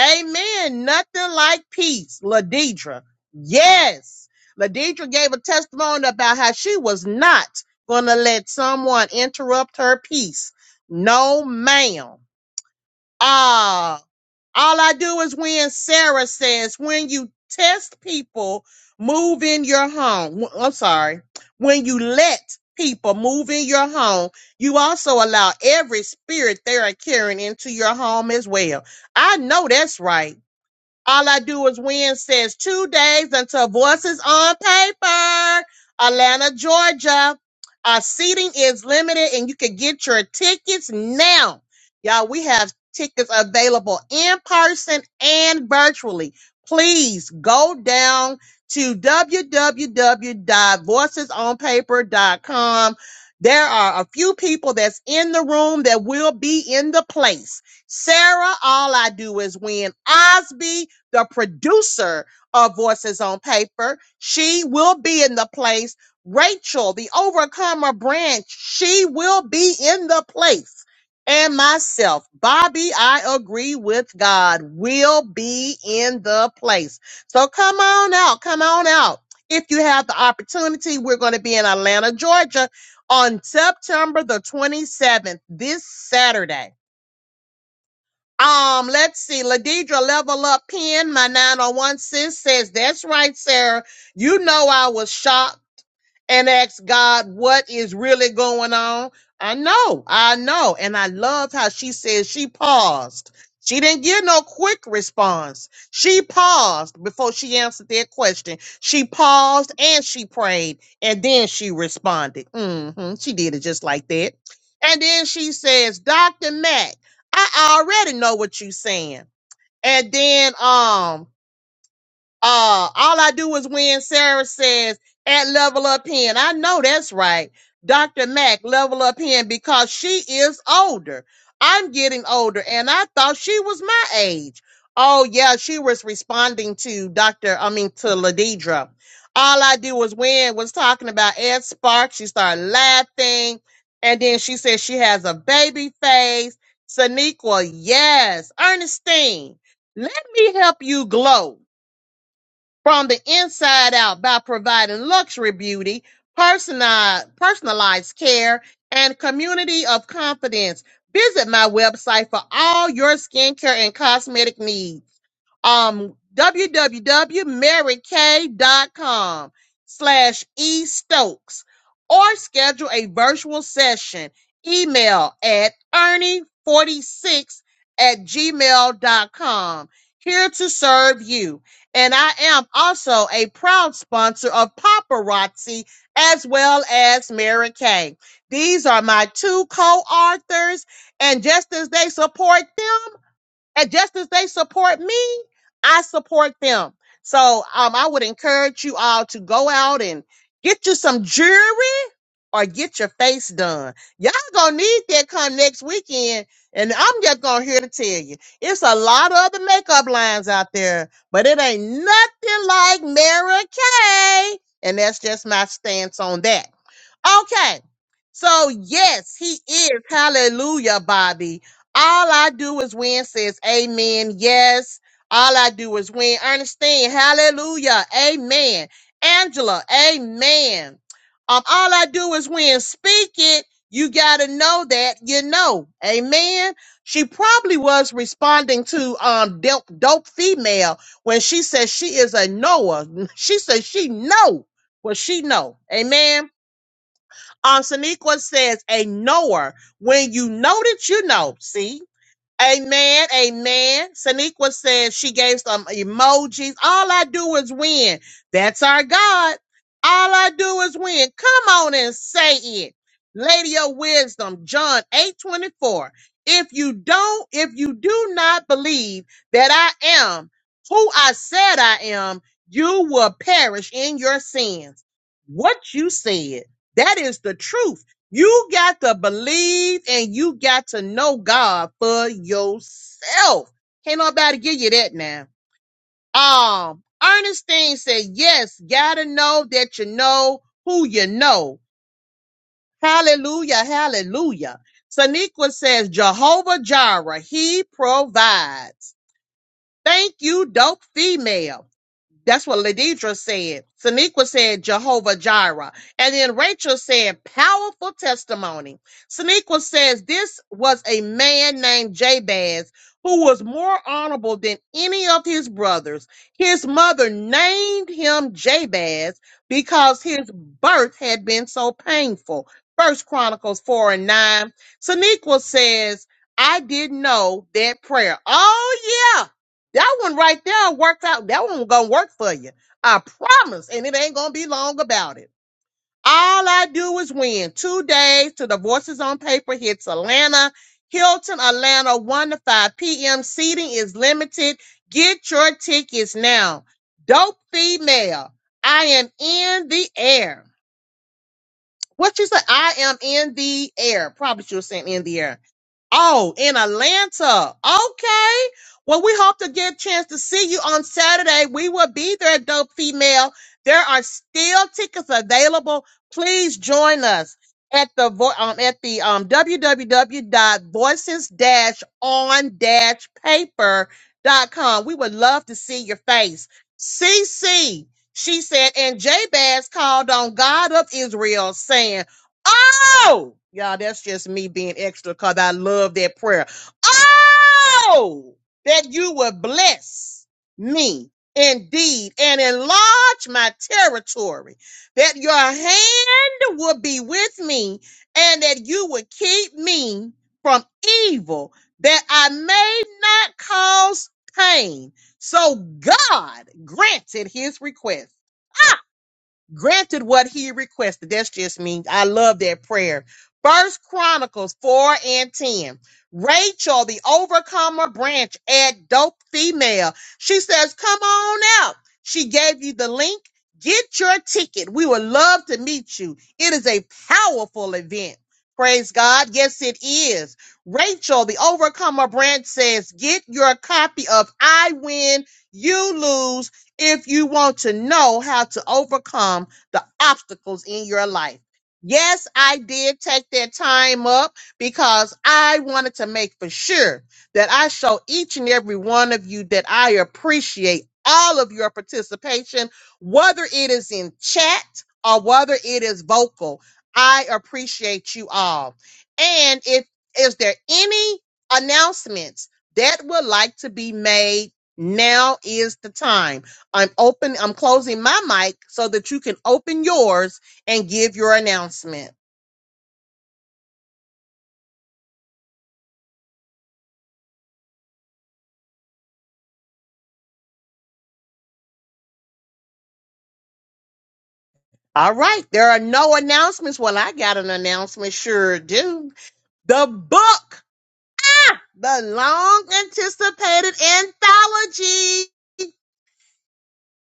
S1: Amen. Nothing like peace, Ladidra. Yes. Ladidra gave a testimony about how she was not going to let someone interrupt her peace. No, ma'am. Ah, all I do is when Sarah says, when you test people, move in your home. W- I'm sorry. When you let people move in your home, you also allow every spirit they are carrying into your home as well. I know that's right. All I do is win says two days until voices on paper. Atlanta, Georgia. Our seating is limited and you can get your tickets now. Y'all, we have tickets available in person and virtually. Please go down to www.voicesonpaper.com. There are a few people that's in the room that will be in the place. Sarah, all I do is win. Osby, the producer of Voices on Paper. She will be in the place. Rachel, the Overcomer branch, she will be in the place. And myself, Bobby, I agree with God, will be in the place. So come on out. Come on out. If you have the opportunity, we're going to be in Atlanta, Georgia on September the 27th, this Saturday. Um, let's see. Ladidra level up pin. My 901 sis says, That's right, Sarah. You know I was shocked and ask God what is really going on. I know, I know. And I loved how she said she paused. She didn't get no quick response. She paused before she answered their question. She paused and she prayed and then she responded. hmm She did it just like that. And then she says, Dr. Mack, I already know what you're saying. And then um uh, all I do is win. Sarah says at Level Up Pen. I know that's right. Dr. Mack, Level Up Pen, because she is older. I'm getting older, and I thought she was my age. Oh, yeah, she was responding to Dr. I mean, to Ladidra. All I do is win was talking about Ed Sparks. She started laughing, and then she said she has a baby face. Saniqua, yes. Ernestine, let me help you glow from the inside out by providing luxury beauty, personalized, personalized care, and community of confidence. Visit my website for all your skincare and cosmetic needs um www.maryk.com slash e stokes or schedule a virtual session email at ernie46 at gmail.com here to serve you and i am also a proud sponsor of paparazzi as well as mary kay these are my two co-authors and just as they support them and just as they support me, I support them. So um, I would encourage you all to go out and get you some jewelry or get your face done. Y'all gonna need that come next weekend. And I'm just gonna here to tell you, it's a lot of other makeup lines out there, but it ain't nothing like Mary Kay. And that's just my stance on that. Okay. So yes, he is. Hallelujah, Bobby. All I do is win says amen. Yes. All I do is win. Ernestine, hallelujah. Amen. Angela, amen. Um, all I do is win. Speak it. You gotta know that you know. Amen. She probably was responding to um dope, dope female when she says she is a Noah. She says she know what she know. Amen. Um, Saniqua says, a knower. When you know that you know, see? Amen. Amen. Saniqua says she gave some emojis. All I do is win. That's our God. All I do is win. Come on and say it. Lady of Wisdom, John 8 24. If you don't, if you do not believe that I am who I said I am, you will perish in your sins. What you said, that is the truth. You got to believe and you got to know God for yourself. Can't nobody give you that now. Um, Ernestine said, yes, gotta know that you know who you know. Hallelujah, hallelujah. Saniqua says, Jehovah Jireh, he provides. Thank you, dope female. That's what Ladidra said. Saniqua said Jehovah Jireh. And then Rachel said powerful testimony. Saniqua says this was a man named Jabez who was more honorable than any of his brothers. His mother named him Jabez because his birth had been so painful. First Chronicles 4 and 9. Saniqua says, I didn't know that prayer. Oh yeah. That one right there worked out. That one gonna work for you. I promise. And it ain't gonna be long about it. All I do is win. Two days to the Voices on Paper hits Atlanta, Hilton, Atlanta, 1 to 5 p.m. Seating is limited. Get your tickets now. Dope female. I am in the air. What you said? I am in the air. Probably should have saying in the air. Oh, in Atlanta. Okay. Well, we hope to get a chance to see you on Saturday. We will be there, dope female. There are still tickets available. Please join us at the vo- um, at the um, www.voices-on-paper.com. We would love to see your face. CC she said, and Jabez called on God of Israel, saying, Oh, y'all, that's just me being extra because I love that prayer. Oh, that you would bless me indeed and enlarge my territory, that your hand would be with me, and that you would keep me from evil, that I may not cause pain so God granted his request granted what he requested. That's just me. I love that prayer. First Chronicles 4 and 10. Rachel, the overcomer branch at Dope Female. She says, Come on out. She gave you the link. Get your ticket. We would love to meet you. It is a powerful event. Praise God. Yes, it is. Rachel, the overcomer branch says, Get your copy of I Win, You Lose if you want to know how to overcome the obstacles in your life. Yes, I did take that time up because I wanted to make for sure that I show each and every one of you that I appreciate all of your participation, whether it is in chat or whether it is vocal. I appreciate you all. And if is there any announcements that would like to be made, now is the time. I'm open, I'm closing my mic so that you can open yours and give your announcement. All right, there are no announcements. Well, I got an announcement, sure do. The book, the long anticipated anthology,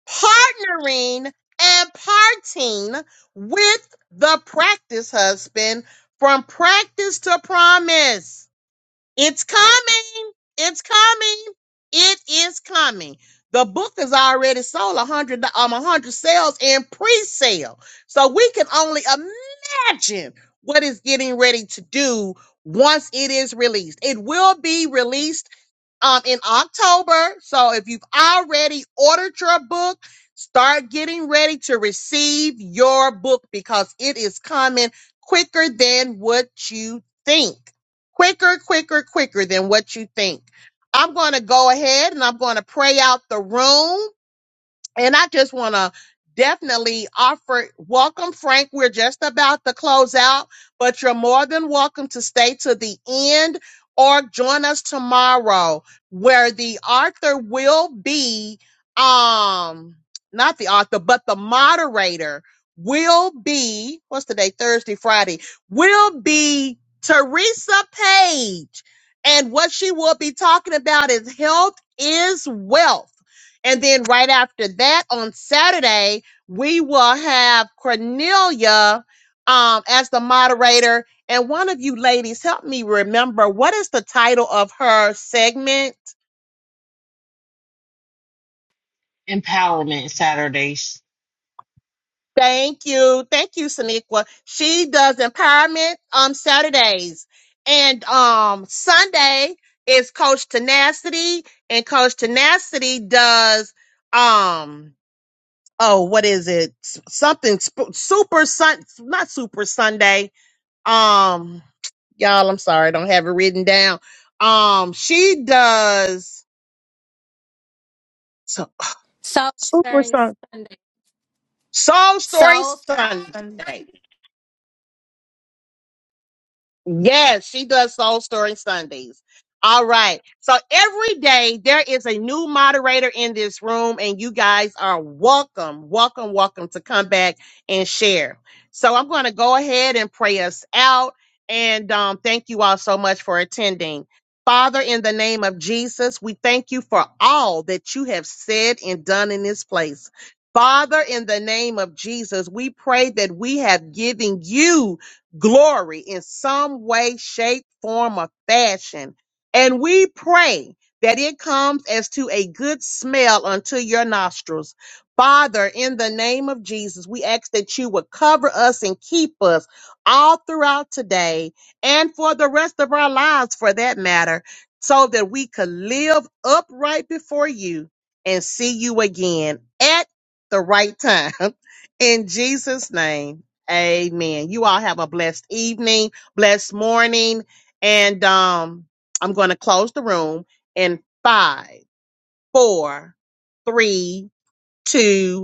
S1: partnering and parting with the practice husband from practice to promise. It's coming. It's coming. It is coming. The book is already sold a hundred um a hundred sales in pre-sale. So we can only imagine what it's getting ready to do once it is released. It will be released um in October. So if you've already ordered your book, start getting ready to receive your book because it is coming quicker than what you think. Quicker, quicker, quicker than what you think. I'm going to go ahead and I'm going to pray out the room and I just want to definitely offer welcome, Frank. We're just about to close out, but you're more than welcome to stay to the end or join us tomorrow where the author will be, um, not the author, but the moderator will be, what's today? Thursday, Friday, will be Teresa Page. And what she will be talking about is health is wealth and then right after that on Saturday, we will have Cornelia um, as the moderator. And one of you ladies, help me remember what is the title of her segment?
S7: Empowerment Saturdays.
S1: Thank you. Thank you, Saniqua. She does empowerment on Saturdays. And um, Sunday is Coach Tenacity, and Coach Tenacity does. Um, oh, what is it? S- Something sp- super sun, not super Sunday. Um, y'all, I'm sorry, I don't have it written down. Um, she does so,
S4: So
S1: super sun soul story
S4: so
S1: Sunday. Yes, she does Soul Story Sundays. All right. So every day there is a new moderator in this room, and you guys are welcome, welcome, welcome to come back and share. So I'm going to go ahead and pray us out. And um, thank you all so much for attending. Father, in the name of Jesus, we thank you for all that you have said and done in this place. Father, in the name of Jesus, we pray that we have given you glory in some way, shape, form, or fashion. And we pray that it comes as to a good smell unto your nostrils. Father, in the name of Jesus, we ask that you would cover us and keep us all throughout today and for the rest of our lives, for that matter, so that we could live upright before you and see you again at the right time. In Jesus' name. Amen. You all have a blessed evening, blessed morning, and um, I'm going to close the room in five, four, three, two,